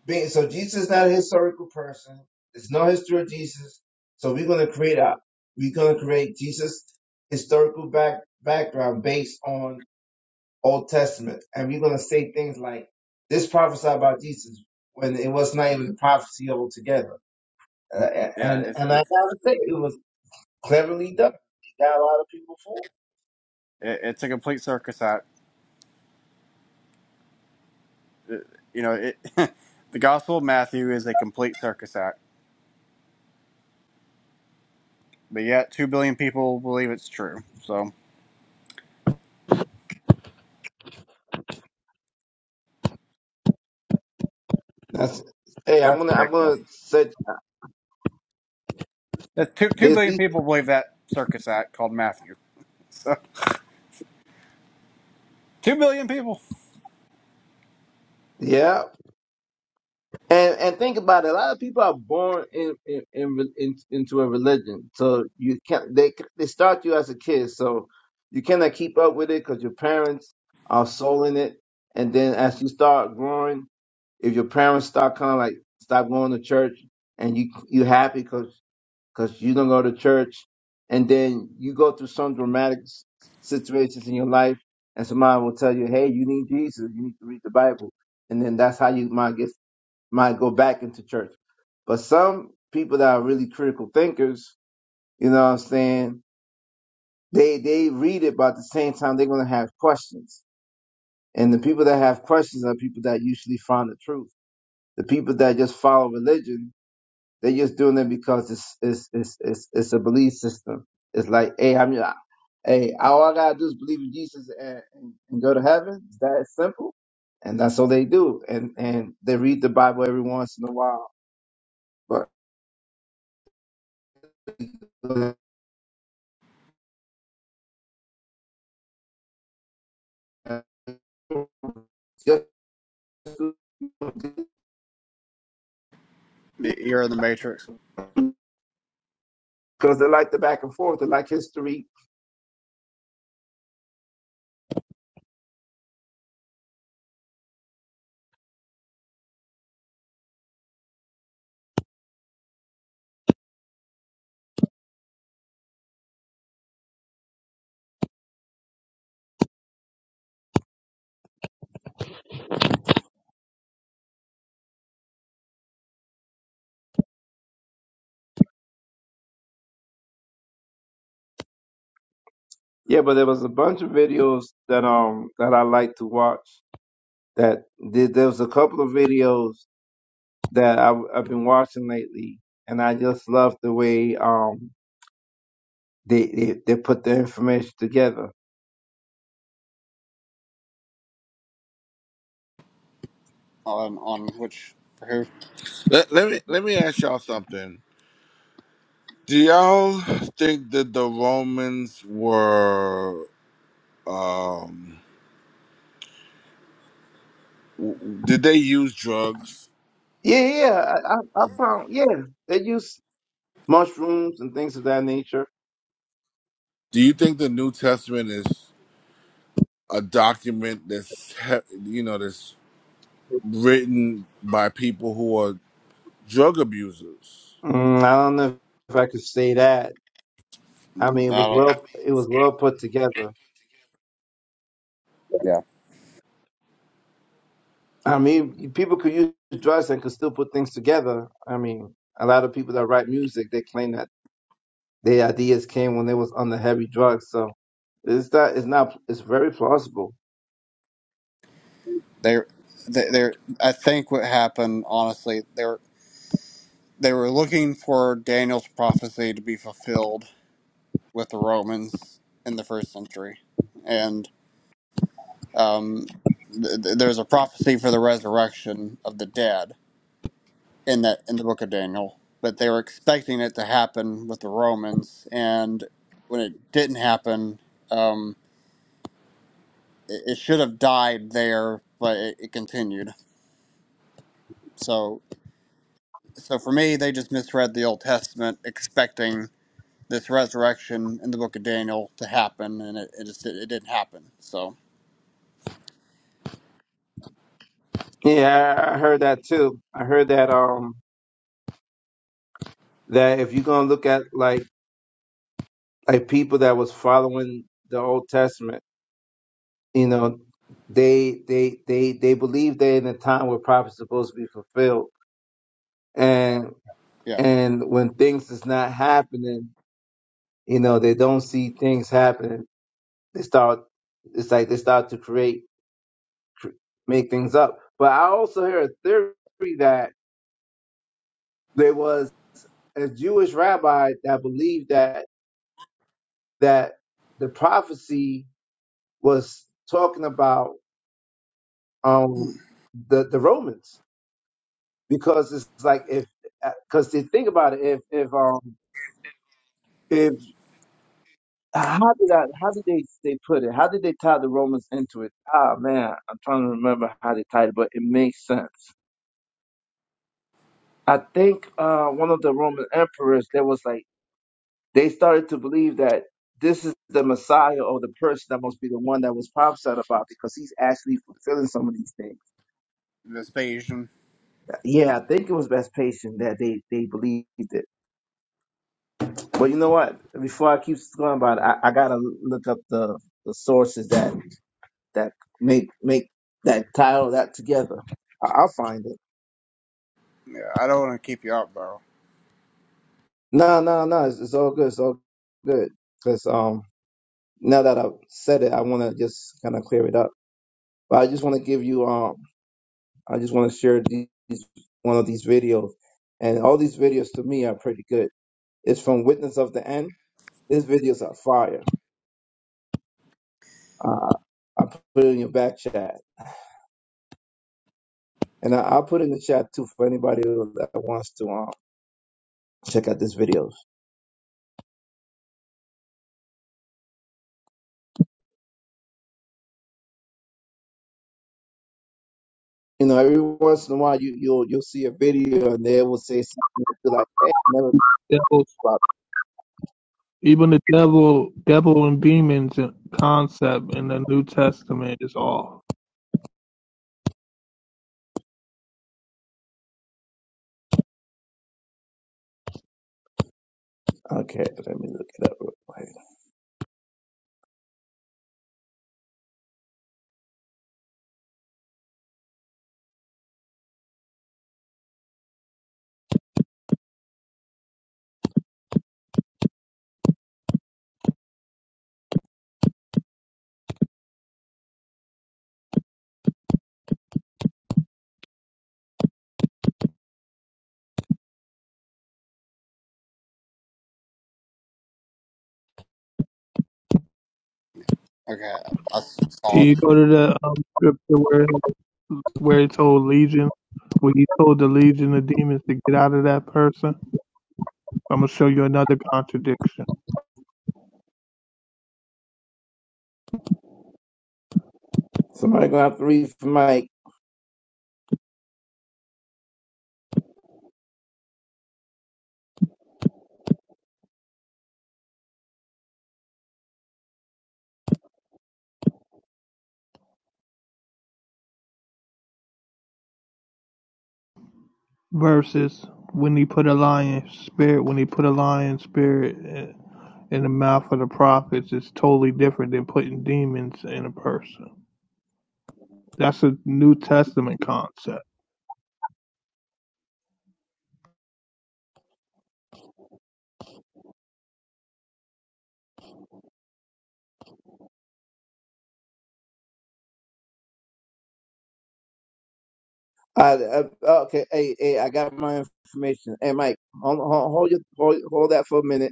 [SPEAKER 5] Being, so Jesus is not a historical person. There's no history of Jesus. So we're going to create a, we're going to create Jesus historical back, background based on Old Testament. And we're going to say things like this prophesied about Jesus when it was not even a prophecy altogether. Uh,
[SPEAKER 7] Yeah,
[SPEAKER 5] and,
[SPEAKER 7] it's
[SPEAKER 5] and I
[SPEAKER 7] it's
[SPEAKER 5] gotta say it was cleverly done. It got a lot of people fooled.
[SPEAKER 7] it- it's a complete circus act. It- you know, it, the Gospel of Matthew is a complete circus act, but yet two billion people believe it's true. So
[SPEAKER 5] That's, hey, I'm
[SPEAKER 7] that's
[SPEAKER 5] going to, I'm going
[SPEAKER 7] ridiculous.
[SPEAKER 5] to set
[SPEAKER 7] That's two two
[SPEAKER 5] this,
[SPEAKER 7] billion people believe that circus act called Matthew. So two billion people.
[SPEAKER 5] yeah, And and think about it. A lot of people are born in, in, in, re- in into a religion, so you can't. They they start you as a kid, so you cannot keep up with it because your parents are soul it. And then as you start growing, if your parents start kind of like stop going to church, and you you happy because you don't go to church, and then you go through some dramatic s- situations in your life, and somebody will tell you, hey, you need Jesus, you need to read the Bible, and then that's how you might get might go back into church. But some people that are really critical thinkers, you know what I'm saying, they they read it, but at the same time they're gonna have questions. And the people that have questions are people that usually find the truth. The people that just follow religion, they're just doing it because it's it's it's it's, it's a belief system. It's like, hey, I'm I- hey, all I gotta do is believe in Jesus and, and, and go to heaven. It's that simple. And that's all they do. And and they read the Bible every once in a while. But just
[SPEAKER 7] Y- You're in the Matrix
[SPEAKER 5] because they like the back and forth, they like history. Yeah, but there was a bunch of videos that um that I like to watch. That did there was a couple of videos that I, I've been watching lately, and I just love the way um they they, they put the information together.
[SPEAKER 7] on on which for
[SPEAKER 6] Let, let me let me ask y'all something. Do y'all think that the Romans were um w- did they use drugs?
[SPEAKER 5] Yeah, yeah, yeah, I, I, I found yeah they use mushrooms and things of that nature.
[SPEAKER 6] Do you think the New Testament is a document that's he- you know this? written by people who are drug abusers.
[SPEAKER 5] Mm, I don't know if I could say that.
[SPEAKER 7] who?
[SPEAKER 5] I
[SPEAKER 7] Mm,
[SPEAKER 5] mean, it
[SPEAKER 7] I
[SPEAKER 5] was
[SPEAKER 7] don't.
[SPEAKER 5] well it was well put together. I mean, people could use drugs and could still put things together. I mean, a lot of people that write music, they claim that their ideas came when they was on the heavy drugs. So it's not, it's not, it's very plausible.
[SPEAKER 7] They, they, they. I think what happened, honestly, they were they were looking for Daniel's prophecy to be fulfilled with the Romans in the first century, and um, th- th- there's a prophecy for the resurrection of the dead in that in the book of Daniel. But they were expecting it to happen with the Romans, and when it didn't happen, um, it, it should have died there, but it, it continued. So so for me, they just misread the Old Testament, expecting this resurrection in the Book of Daniel to happen, and it, it just it, didn't happen. So
[SPEAKER 5] Yeah, I I heard that too. I heard that, um, that if you're going to look at like, like people that was following the Old Testament, you know, they, they, they, they believe they're in a time where prophets supposed to be fulfilled. And,
[SPEAKER 7] yeah,
[SPEAKER 5] and when things is not happening, You know, they don't see things happening. They start, it's like they start to create, cr- make things up. But I also heard a theory that there was a Jewish rabbi that believed that, that the prophecy was talking about,
[SPEAKER 7] Hmm.
[SPEAKER 5] um, the, the Romans because it's like if, because think about it, if, if, um, how did I, how did they they put it? How did they tie the Romans into it? Ah man, I'm trying to remember how they tied it, but it makes sense. I think uh, one of the Roman emperors there was like they started to believe that this is the Messiah or the person that must be the one that was prophesied about because he's actually fulfilling some of these things.
[SPEAKER 7] Vespasian.
[SPEAKER 5] Yeah, I think it was Vespasian that they they believed it. But you know what? Before I keep going about it, I, I gotta look up the the sources that that make make that title that together. I, I'll find it.
[SPEAKER 7] Yeah, I don't want to keep you up, bro.
[SPEAKER 5] No, no, no. It's, it's all good. It's all good. Because um, now that I've said it, I want to just kind of clear it up. But I just want to give you um, I just want to share these one of these videos, and all these videos to me are pretty good. It's from Witness of the End. These videos are fire. Uh, I put it in your back chat, and I, I'll put it in the chat too for anybody who- that wants to um check out this video. You know, every once in a while, you you'll you'll see a video and they will say something that you're like, "Hey, never thought
[SPEAKER 1] Even the devil, devil and demons concept in the New Testament is off.
[SPEAKER 5] about." Okay, let me look it up. Real quick.
[SPEAKER 7] Okay, I
[SPEAKER 1] Can
[SPEAKER 7] saw it.
[SPEAKER 1] you go to the um, scripture where where he told legion, where he told the legion of demons to get out of that person? I'm gonna show you another contradiction.
[SPEAKER 5] Somebody gonna have to read for Mike.
[SPEAKER 1] Versus when he put a lion spirit, when he put a lion spirit in in the mouth of the prophets, it's totally different than putting demons in a person. That's a New Testament concept.
[SPEAKER 5] I, I, okay, hey, hey, I got my information. Hey, Mike, hold, hold, hold, your, hold, hold that for a minute.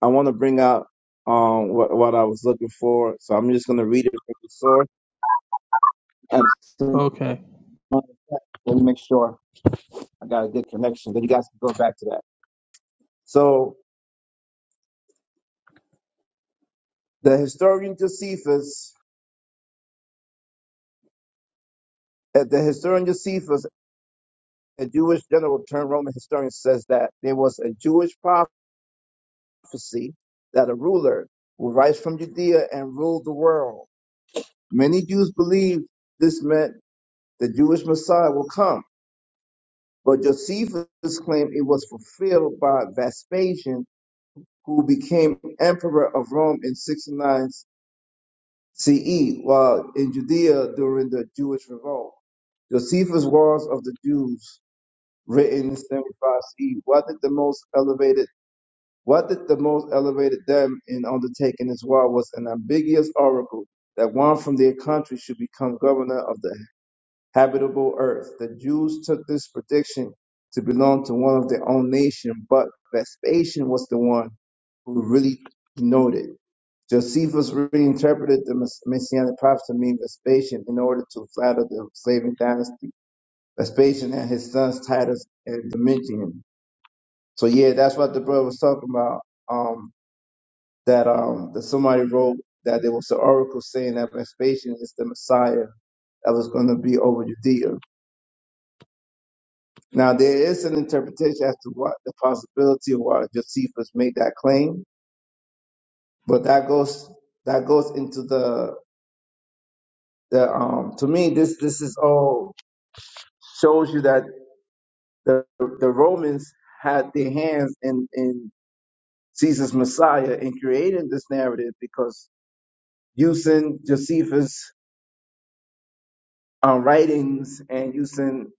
[SPEAKER 5] I want to bring out um what, what I was looking for, so I'm just gonna read it from the source. And so-
[SPEAKER 1] Okay,
[SPEAKER 5] let me make sure I got a good connection. Then you guys can go back to that. So the historian Josephus, uh, the historian Josephus, a Jewish general turned Roman historian, says that there was a Jewish prophecy that a ruler would rise from Judea and rule the world. Many Jews believed this meant the Jewish Messiah will come. But Josephus claimed it was fulfilled by Vespasian, who became emperor of Rome in 69 CE, while in Judea during the Jewish revolt. Josephus' Wars of the Jews, written in 75 CE, what did the most elevated what did the most elevated them in undertaking this war was an ambiguous oracle that one from their country should become governor of the habitable earth. The Jews took this prediction to belong to one of their own nation, but Vespasian was the one who really noted. Josephus reinterpreted the mess- messianic prophet to mean Vespasian in order to flatter the Slavic dynasty. Vespasian and his sons Titus and Domitian. So yeah, that's what the brother was talking about. Um, that um, that somebody wrote that there was an oracle saying that Vespasian is the Messiah that was going to be over Judea. Now, there is an interpretation as to what the possibility of why Josephus made that claim, but that goes that goes into the the um. To me, this this is all shows you that the the Romans had their hands in in Caesar's Messiah in creating this narrative because using Josephus' uh, writings and using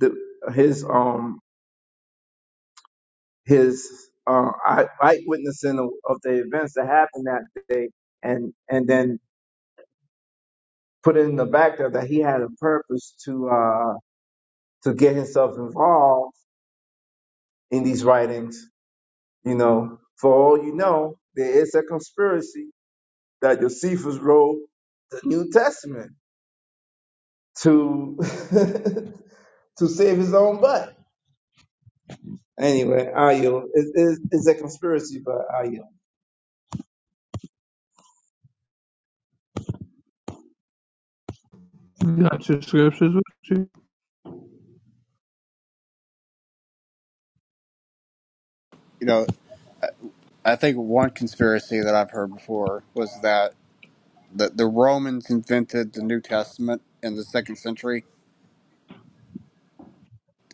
[SPEAKER 5] the his um his uh, eye- eyewitnessing of, of the events that happened that day and and then put it in the back there that he had a purpose to uh to get himself involved in these writings. You know, for all you know, there is a conspiracy that Josephus wrote the New Testament to to save his own butt. Anyway, Ayo, it's, it's, it's a conspiracy, but Ayo.
[SPEAKER 1] you got your scriptures with you.
[SPEAKER 7] You know, I think one conspiracy that I've heard before was that the, the Romans invented the New Testament in the second century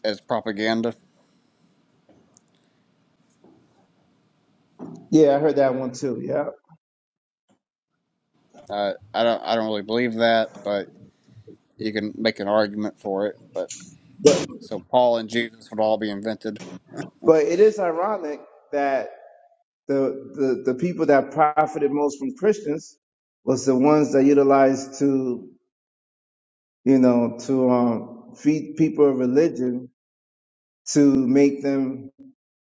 [SPEAKER 7] as propaganda.
[SPEAKER 5] Yeah, I heard that one too. Yeah,
[SPEAKER 7] Uh, I don't I don't really believe that, but you can make an argument for it. But
[SPEAKER 5] but
[SPEAKER 7] so Paul and Jesus would all be invented
[SPEAKER 5] but it is ironic that the the, the people that profited most from Christians was the ones that utilized to you know, to um, feed people a religion to make them,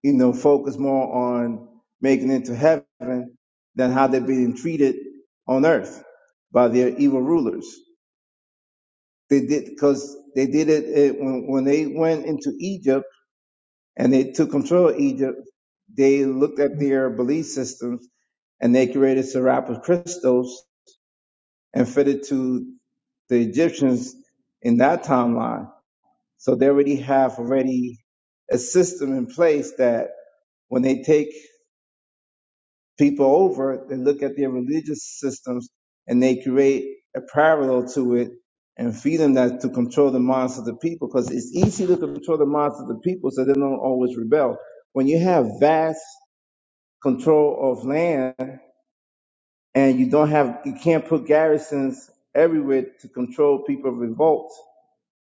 [SPEAKER 5] you know, focus more on making it to heaven than how they're being treated on earth by their evil rulers. They did because they did it, it when, when they went into Egypt and they took control of Egypt. They looked at their belief systems and they created Serapis Christos and fitted to the Egyptians in that timeline So they already have already a system in place that when they take people over, they look at their religious systems and they create a parallel to it and feed them that to control the minds of the people because it's easy to control the minds of the people so they don't always rebel. When you have vast control of land and you don't have, you can't put garrisons everywhere to control people of revolt.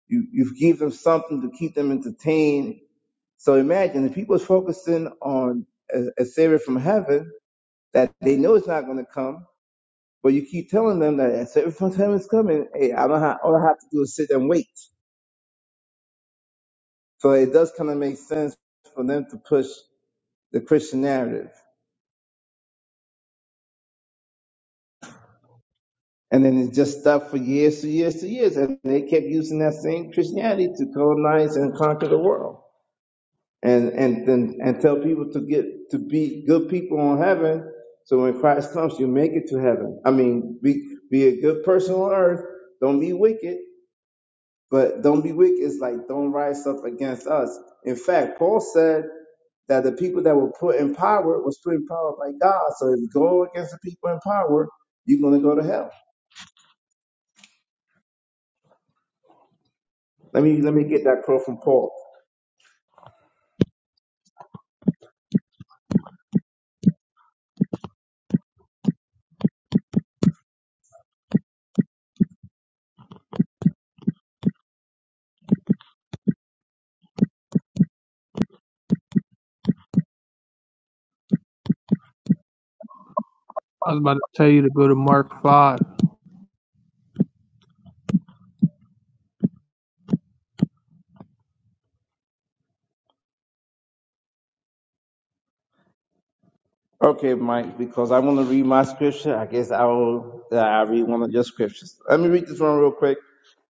[SPEAKER 5] You, you give them something to keep them entertained So imagine if he was focusing on a, a savior from heaven that they know is not going to come, but you keep telling them that a savior from heaven is coming. Hey, I don't have, all I have to do is sit and wait. So it does kind of make sense for them to push the Christian narrative. And then it just stuck for years to years to years. And they kept using that same Christianity to colonize and conquer the world. and and and, and tell people to get to be good people on heaven. So when Christ comes, you make it to heaven. I mean, be be a good person on earth. Don't be wicked, but don't be wicked is like don't rise up against us. In fact, Paul said that the people that were put in power was put in power by God. So if you go against the people in power, you're gonna go to hell. Let me let me get that quote from Paul.
[SPEAKER 1] I was about to tell you to go to Mark 5.
[SPEAKER 5] Okay, Mike, because I want to read my scripture. I guess I will. uh, I read one of your scriptures. Let me read this one real quick,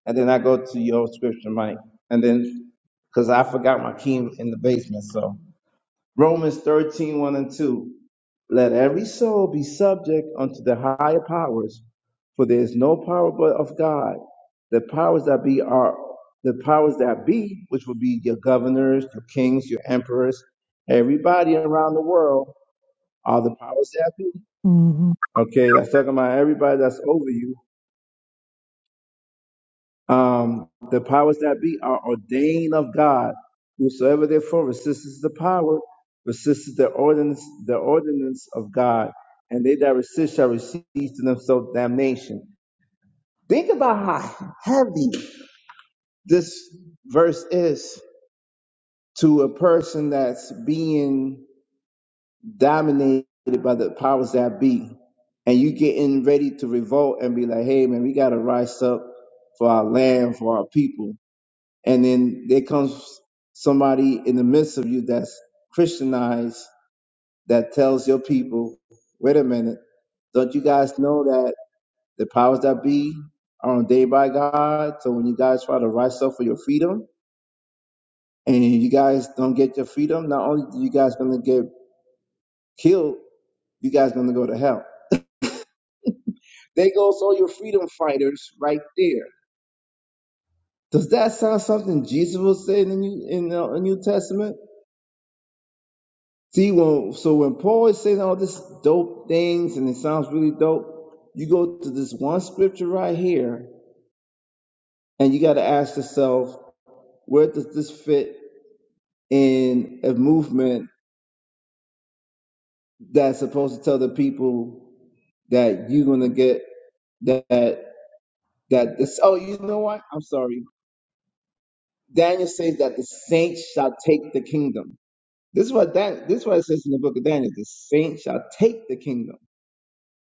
[SPEAKER 5] and then I go to your scripture, Mike, and then because I forgot my key in the basement. So Romans thirteen one and two. Let every soul be subject unto the higher powers, for there is no power but of God. The powers that be are the powers that be, which will be your governors, your kings, your emperors, everybody around the world are the powers that be
[SPEAKER 1] hmm
[SPEAKER 5] Okay, that's talking about everybody that's over you. Um, the powers that be are ordained of God. Whosoever therefore resists the power, resists the ordinance, the ordinance of God, and they that resist shall receive to themselves damnation. Think about how heavy this verse is to a person that's being dominated by the powers that be, and you getting ready to revolt and be like, hey man, we gotta rise up for our land, for our people. And then there comes somebody in the midst of you that's Christianized that tells your people, wait a minute, don't you guys know that the powers that be are ordained by God? So when you guys try to rise up for your freedom and you guys don't get your freedom, not only do you guys gonna get killed, you guys gonna go to hell. There goes all your freedom fighters right there. Does that sound something Jesus was saying in you in the New Testament? See, when so when Paul is saying all this dope things and it sounds really dope, you go to this one scripture right here, and you got to ask yourself, where does this fit in a movement that's supposed to tell the people that you're gonna get that that this? Oh, you know what? I'm sorry. Daniel says that the saints shall take the kingdom. This is what Dan, this is what it says in the book of Daniel. The saints shall take the kingdom.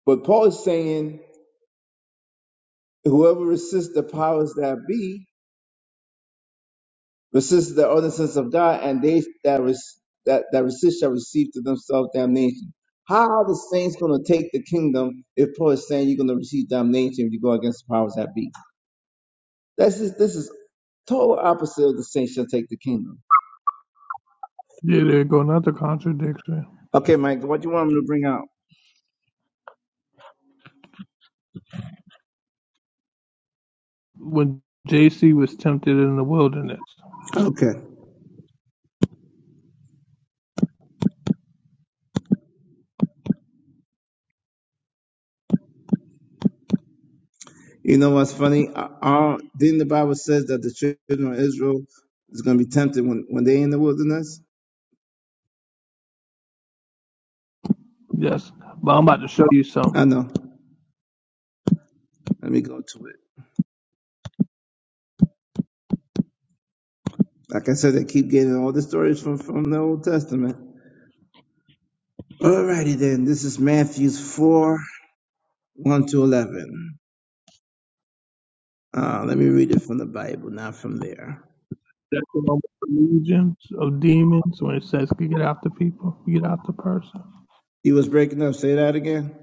[SPEAKER 5] But Paul is saying, whoever resists the powers that be, resists the ordinances of God, and they that res, that, that resist shall receive to themselves damnation. How are the saints going to take the kingdom if Paul is saying you're going to receive damnation if you go against the powers that be? This is this is total opposite of the saints shall take the kingdom.
[SPEAKER 1] Yeah, there go another contradiction.
[SPEAKER 5] Okay, Mike, what do you want me to bring out?
[SPEAKER 1] When JC was tempted in the wilderness.
[SPEAKER 5] Okay. You know what's funny? Uh, uh, didn't the Bible says that the children of Israel is going to be tempted when, when they in the wilderness?
[SPEAKER 1] Yes. But I'm about to show you something.
[SPEAKER 5] I know. Let me go to it. Like I said, I keep getting all the stories from, from the Old Testament. Alrighty then. This is Matthew's 4, 1 to 11. Uh, let me read it from the Bible, not from there.
[SPEAKER 1] That's the one with the legions of demons when it says get after people, get after person.
[SPEAKER 5] You was breaking up. Say that again.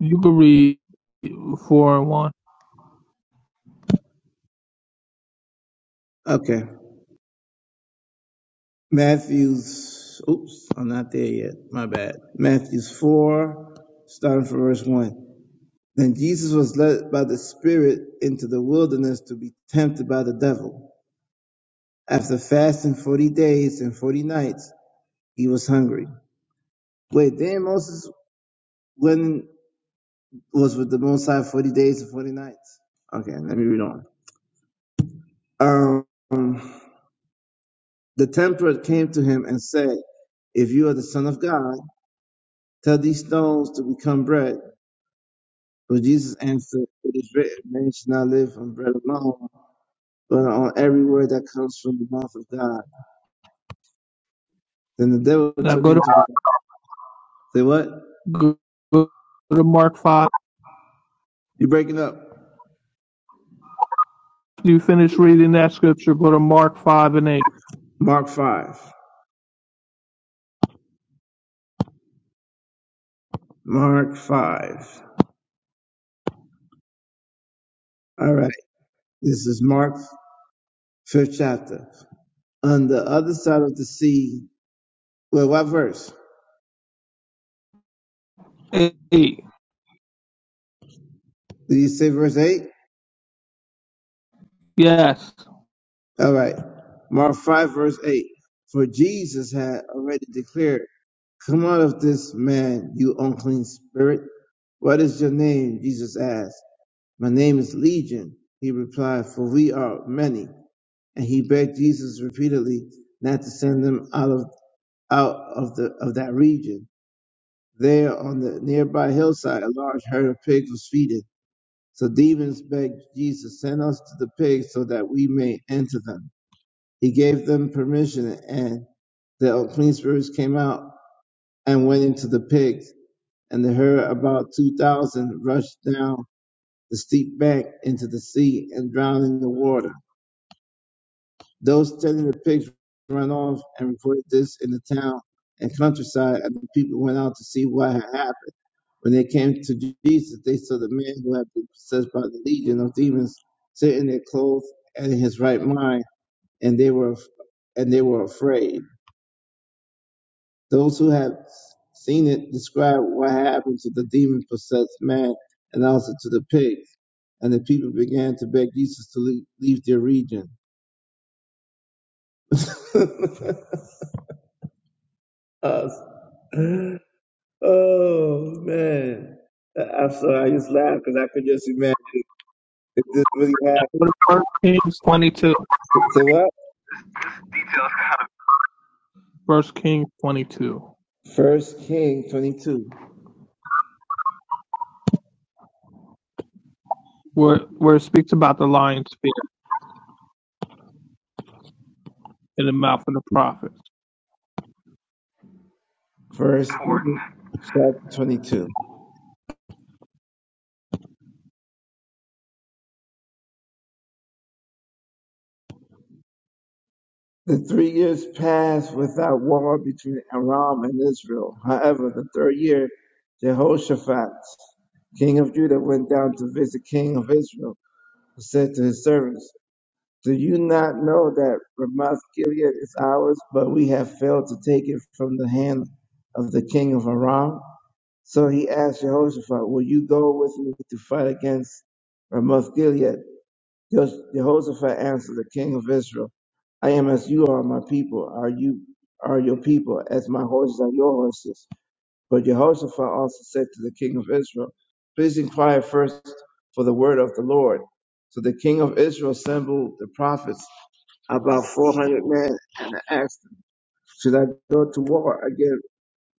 [SPEAKER 1] You can read four and one.
[SPEAKER 5] Okay. Matthew's, oops, I'm not there yet. My bad. Matthew's 4, starting from verse 1. Then Jesus was led by the Spirit into the wilderness to be tempted by the devil. After fasting 40 days and 40 nights, he was hungry. Wait, then Moses when was with the Most High 40 days and 40 nights. Okay, let me read on. Um, the tempter came to him and said, If you are the Son of God, tell these stones to become bread. But Jesus answered, It is written, man shall not live on bread alone, but on every word that comes from the mouth of God. Then the devil
[SPEAKER 1] Now
[SPEAKER 5] took
[SPEAKER 1] go
[SPEAKER 5] him
[SPEAKER 1] to
[SPEAKER 5] to the. Say what?
[SPEAKER 1] go, go to Mark five.
[SPEAKER 5] You breaking up?
[SPEAKER 1] After you finish reading that scripture, go to Mark five and
[SPEAKER 5] Mark five. Mark five. All right. This is Mark fifth chapter. On the other side of the sea. Well, what verse?
[SPEAKER 1] eight. Eight.
[SPEAKER 5] Did you say verse eight?
[SPEAKER 1] Yes.
[SPEAKER 5] All right. Mark five verse eight. For Jesus had already declared, "Come out of this man, you unclean spirit." What is your name? Jesus asked. My name is Legion. He replied, for we are many. and he begged Jesus repeatedly not to send them out of out of the of that region. There on the nearby hillside, a large herd of pigs was feeding. So demons begged Jesus, "Send us to the pigs so that we may enter them." He gave them permission, and the unclean spirits came out and went into the pigs, and the herd, about two thousand, rushed down the steep bank into the sea and drowned in the water. Those taking the pigs ran off and reported this in the town and countryside, and the people went out to see what had happened. When they came to Jesus, they saw the man who had been possessed by the legion of demons sitting in there clothes and in his right mind, and they were and they were afraid. Those who had seen it described what happened to the demon possessed man and also to the pigs. And the people began to beg Jesus to leave, leave their region. Us. Oh man, I- I'm sorry. I just laughed because I could just imagine if this really happened.
[SPEAKER 1] First Kings twenty two.
[SPEAKER 5] Say what?
[SPEAKER 1] First Kings twenty two.
[SPEAKER 5] First King 22.
[SPEAKER 1] Where where it speaks about the lion spirit in the mouth of the prophets.
[SPEAKER 5] First King chapter 22. The three years passed without war between Aram and Israel. However, the third year, Jehoshaphat, king of Judah, went down to visit king of Israel, who said to his servants, Do you not know that Ramoth Gilead is ours, but we have failed to take it from the hand of the king of Aram? So he asked Jehoshaphat, Will you go with me to fight against Ramoth Gilead? Jehoshaphat answered the king of Israel, I am as you are, my people. Are you are your people, as my horses are your horses? But Jehoshaphat also said to the king of Israel, Please inquire first for the word of the Lord. So the king of Israel assembled the prophets about 400 men, and I asked them, Should I go to war against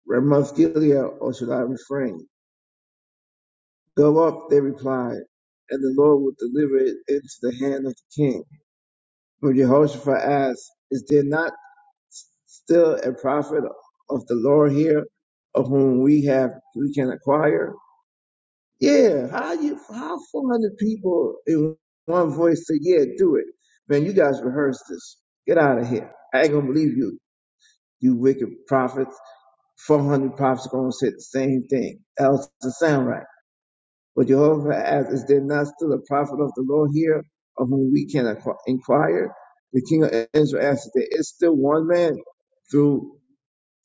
[SPEAKER 5] Ramoth Gilead or should I refrain? Go up, they replied, and the Lord will deliver it into the hand of the king. But Jehoshaphat asked, Is there not still a prophet of the Lord here of whom we have we can acquire? Yeah, how you how 400 people in one voice say, Yeah, do it. Man, you guys rehearsed this. Get out of here. I ain't gonna believe you you wicked prophets. 400 prophets are going to say the same thing. Else it sound right. But Jehovah asked, is there not still a prophet of the Lord here of whom we can inquire? The king of Israel answered, there is still one man through,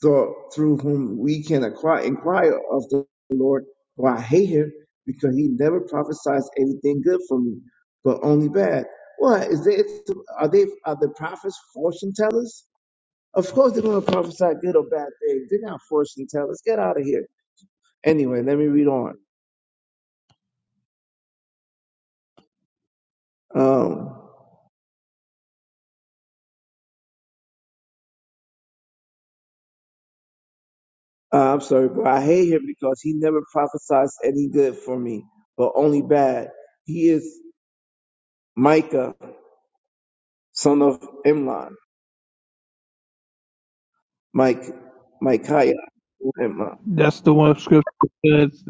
[SPEAKER 5] through, whom we can acquire, inquire of the Lord, for I hate him because he never prophesies anything good for me, but only bad. What is there? Are they are the prophets fortune tellers? Of course they're going to prophesy good or bad things. They're not fortune tellers. Get out of here. Anyway, let me read on. Um, uh, I'm sorry, but I hate him because he never prophesies any good for me, but only bad. He is Micah, son of Imlan, Mike, Micaiah, Imlan.
[SPEAKER 1] That's the one scripture that says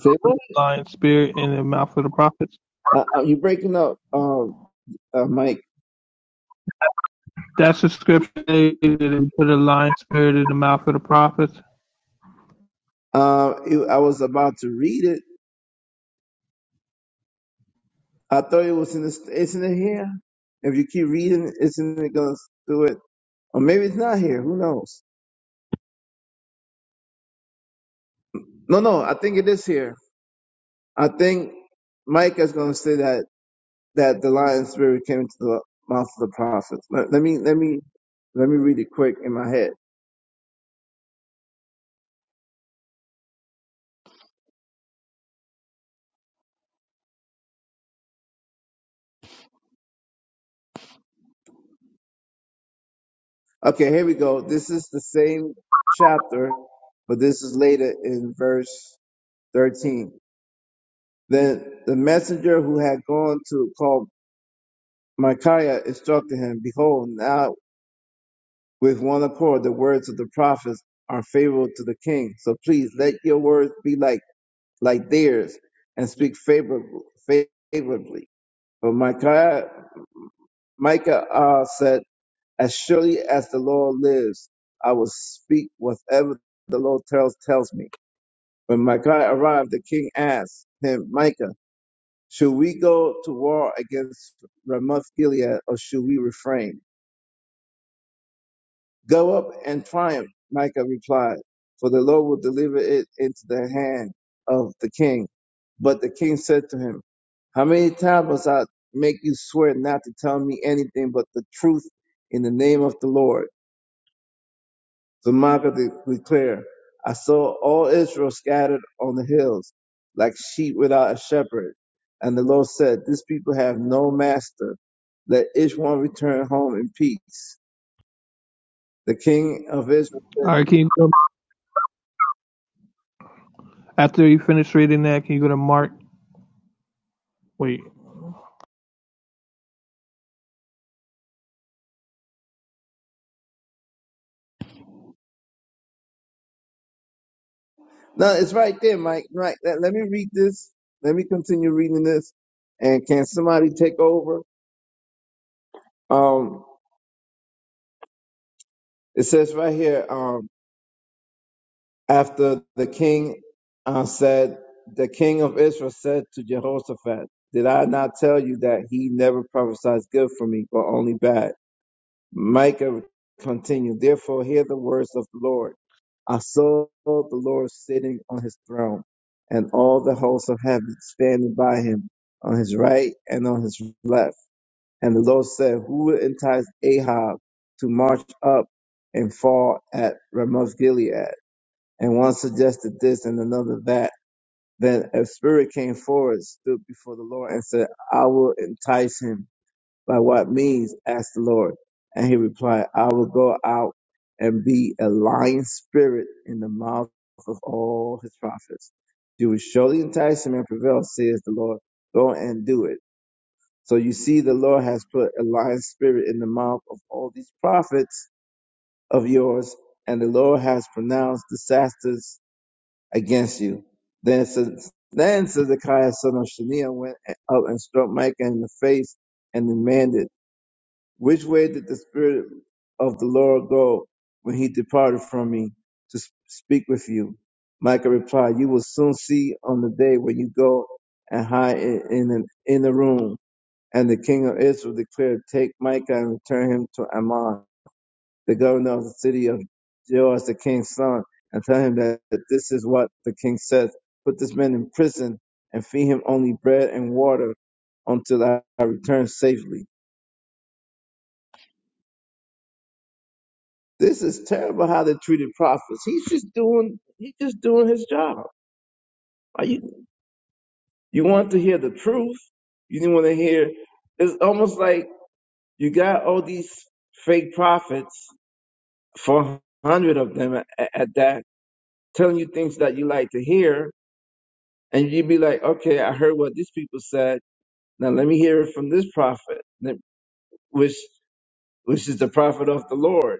[SPEAKER 5] Say what?
[SPEAKER 1] lion spirit in the mouth of the prophets.
[SPEAKER 5] Uh, uh, you breaking up, um, uh, Mike?
[SPEAKER 1] That's the scripture that they put a lion spirit in the mouth of the prophets.
[SPEAKER 5] Uh, it, I was about to read it. I thought it was in this. Isn't it here? If you keep reading, isn't it gonna do it? Or maybe it's not here. Who knows? No, no, I think it is here. I think Micah is going to say that that the lion spirit came into the mouth of the prophets. Let, let me let me let me read it quick in my head. Okay, here we go. This is the same chapter, but this is later in verse thirteen. Then the messenger who had gone to call Micaiah instructed him, Behold, now with one accord the words of the prophets are favorable to the king. So please let your words be like like theirs and speak favorable, favorably. But Micah, Micah uh, said, As surely as the Lord lives, I will speak whatever the Lord tells, tells me. When Micah arrived, the king asked him, Micah, should we go to war against Ramoth Gilead or should we refrain? Go up and triumph, Micah replied, for the Lord will deliver it into the hand of the king. But the king said to him, How many times must I make you swear not to tell me anything but the truth in the name of the Lord? So Micah de- declared, I saw all Israel scattered on the hills, like sheep without a shepherd. And the Lord said, This people have no master. Let each one return home in peace. The king of Israel
[SPEAKER 1] All right, can you go after you finish reading that, can you go to Mark? Wait.
[SPEAKER 5] No, it's right there, Mike. Right. Let, let me read this. Let me continue reading this. And can somebody take over? Um, it says right here, um, after the king uh, said, the king of Israel said to Jehoshaphat, Did I not tell you that he never prophesies good for me, but only bad? Micah continued, Therefore hear the words of the Lord. I saw the Lord sitting on his throne, and all the hosts of heaven standing by him on his right and on his left. And the Lord said, Who will entice Ahab to march up and fall at Ramoth Gilead? And one suggested this and another that. Then a spirit came forward, stood before the Lord, and said, I will entice him. By what means? asked the Lord. And he replied, I will go out and be a lying spirit in the mouth of all his prophets. You will surely entice him and prevail, says the Lord. Go and do it. So you see, the Lord has put a lying spirit in the mouth of all these prophets of yours, and the Lord has pronounced disasters against you. Then, says- then Zedekiah son of Shania went up and struck Micah in the face and demanded. Which way did the Spirit of the Lord go when he departed from me to s- speak with you? Micah replied, You will soon see on the day when you go and hide in, in an inner room. And the king of Israel declared, Take Micah and return him to Ammon, the governor of the city of Joash, the king's son, and tell him that, that this is what the king says. Put this man in prison and feed him only bread and water until I I return safely. This is terrible how they treated prophets. He's just doing he's just doing his job. Are you you want to hear the truth. You didn't want to hear it's almost like you got all these fake prophets, four hundred of them at, at that, telling you things that you like to hear, and you'd be like, Okay, I heard what these people said. Now let me hear it from this prophet, which which is the prophet of the Lord.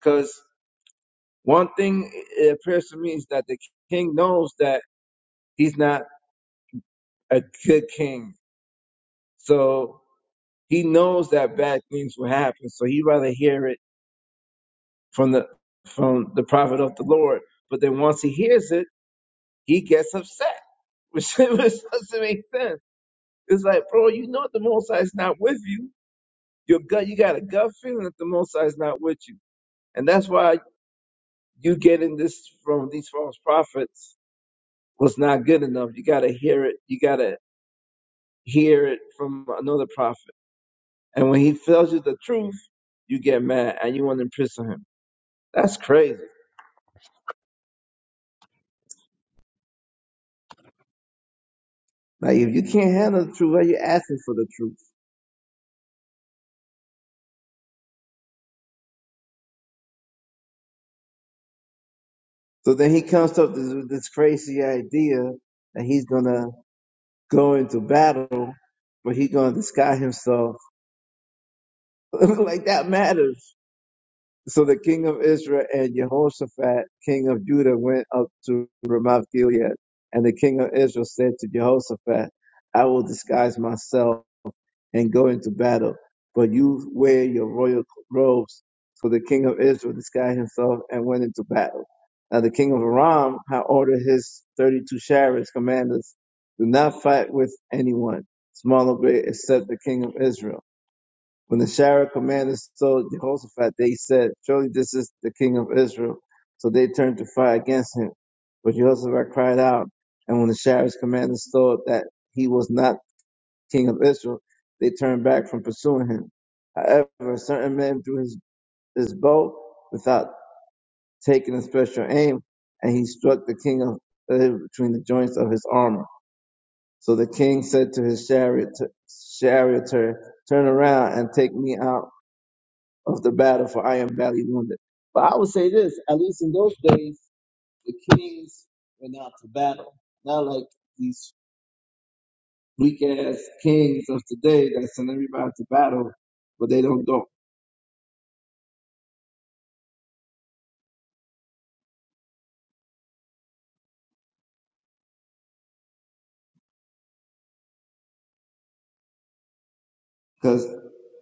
[SPEAKER 5] Because one thing it appears to me is that the king knows that he's not a good king. So he knows that bad things will happen. So he'd rather hear it from the from the prophet of the Lord. But then once he hears it, he gets upset, which, which doesn't make sense. It's like, bro, you know the Most High is not with you. Your gut, you got a gut feeling that the Most High is not with you, and that's why you getting this from these false prophets was not good enough. You got to hear it. You got to hear it from another prophet. And when he tells you the truth, you get mad and you want to imprison him. That's crazy. Like if you can't handle the truth, why you asking for the truth? So then he comes up with this, crazy idea that he's gonna go into battle, but he's gonna disguise himself. like that matters. So the king of Israel and Jehoshaphat, king of Judah, went up to Ramoth Gilead, and the king of Israel said to Jehoshaphat, "I will disguise myself." and go into battle. But you wear your royal robes, for the king of Israel disguised himself and went into battle. Now the king of Aram had ordered his 32 chariots commanders, do not fight with anyone, small or great, except the king of Israel. When the chariot commanders saw Jehoshaphat, they said, surely this is the king of Israel. So they turned to fight against him. But Jehoshaphat cried out, and when the chariot's commanders saw that he was not king of Israel, they turned back from pursuing him. However, certain men threw his, his bow without taking a special aim, and he struck the king of Israel between the joints of his armor. So the king said to his chariot, charioteer, Turn around and take me out of the battle, for I am badly wounded. But I would say this, at least in those days, the kings went out to battle. Not like these weak ass kings of today that send everybody to battle but they don't go. Because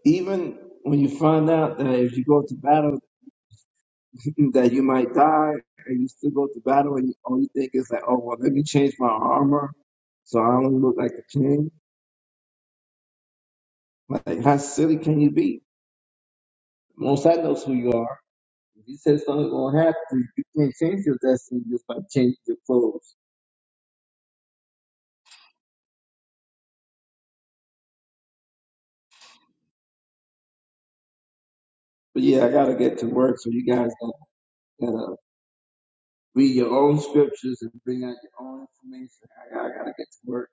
[SPEAKER 5] even when you find out that if you go to battle that you might die, and you still go to battle, and you, all you think is like, oh well, let me change my armor so I don't look like a king. Like how silly can you be? Most I knows who you are. If you said something's gonna happen, you can't change your destiny just by changing your clothes. But yeah, I gotta get to work, so you guys gotta, gotta read your own scriptures and bring out your own information. I, gotta, I gotta get to work.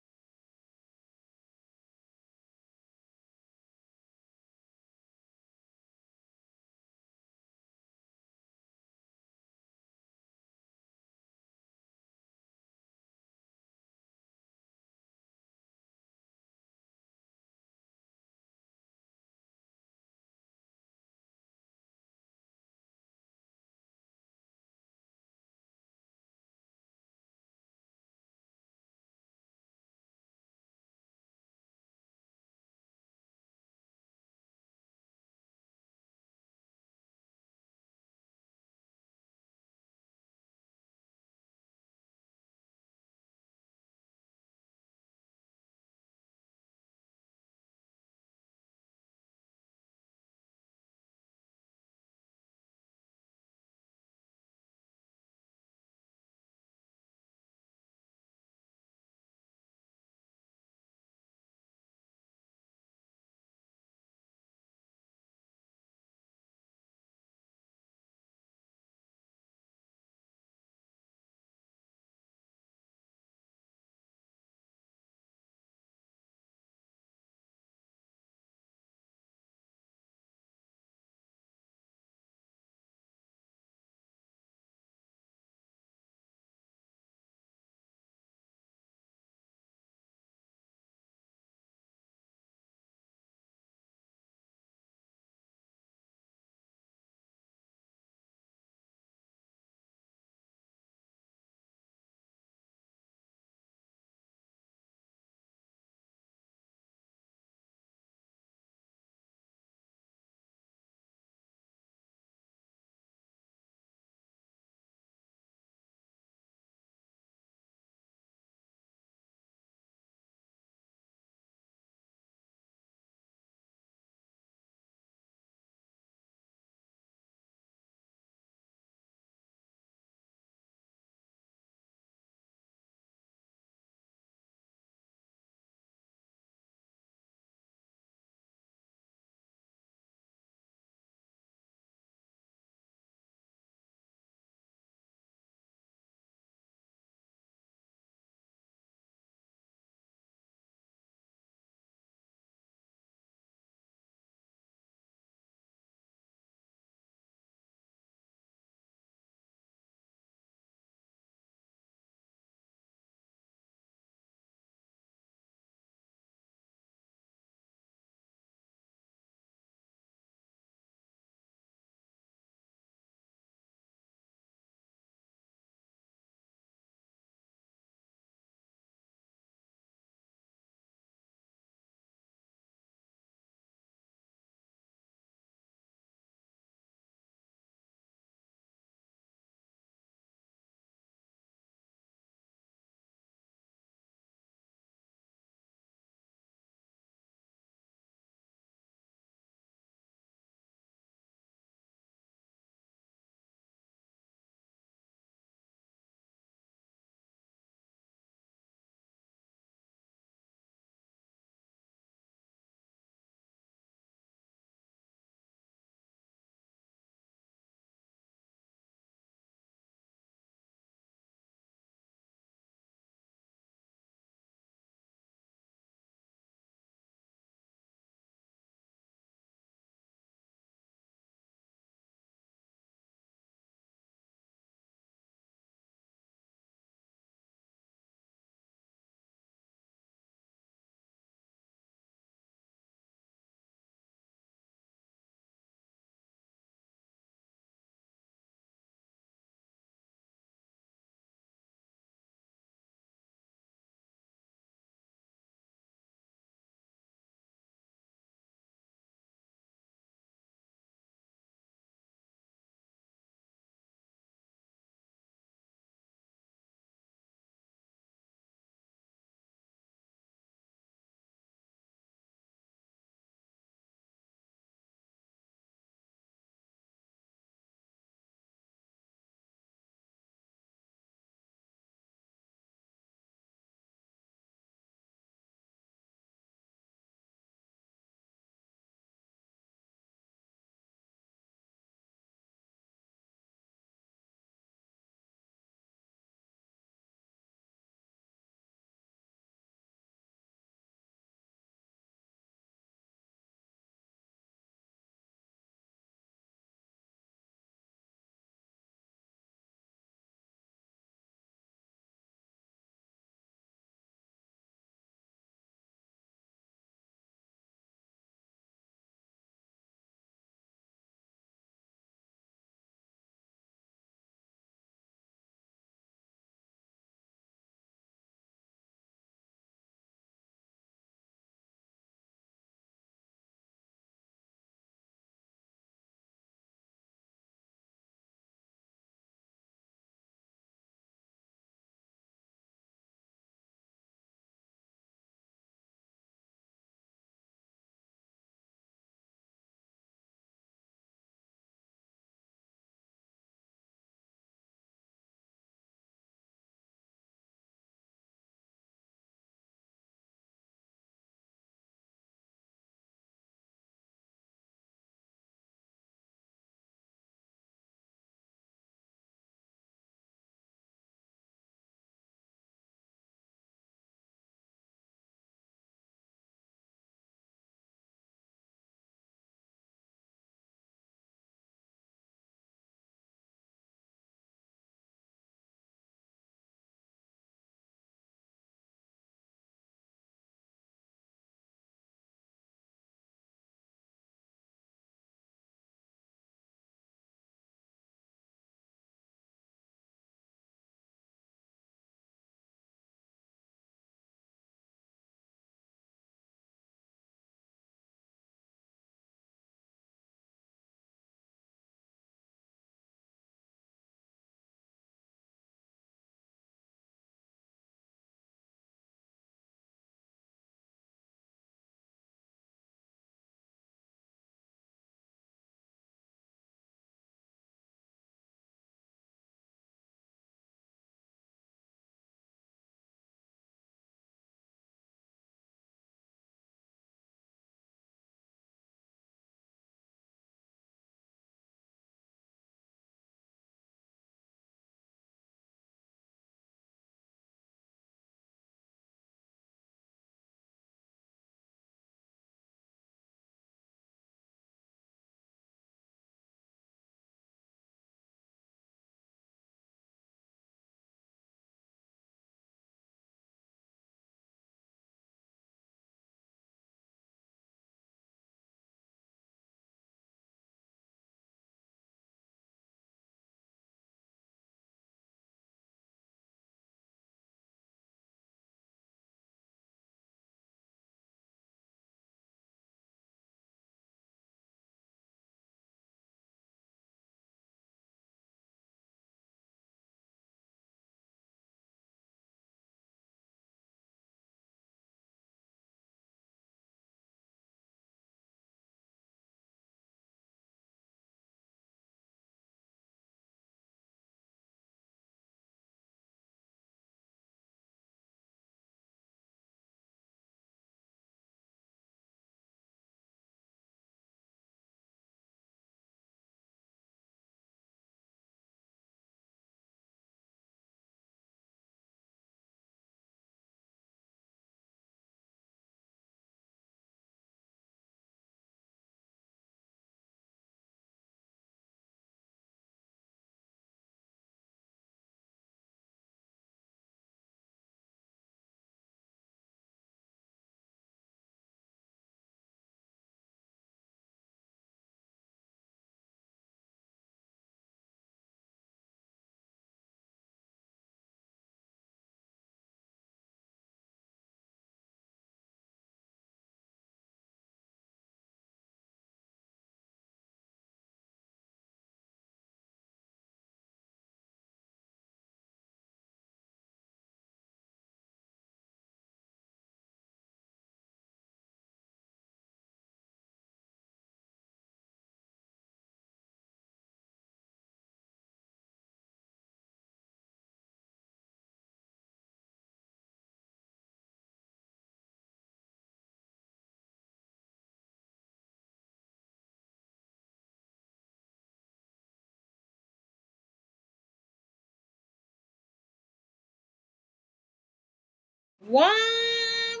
[SPEAKER 8] Why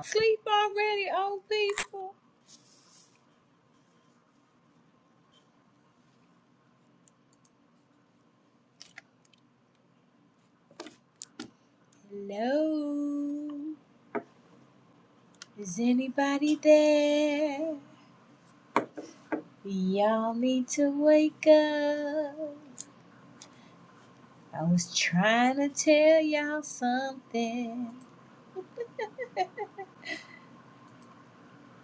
[SPEAKER 8] sleep already, old people? Hello, is anybody there? Y'all need to wake up. I was trying to tell y'all something.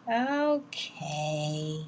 [SPEAKER 8] Okay.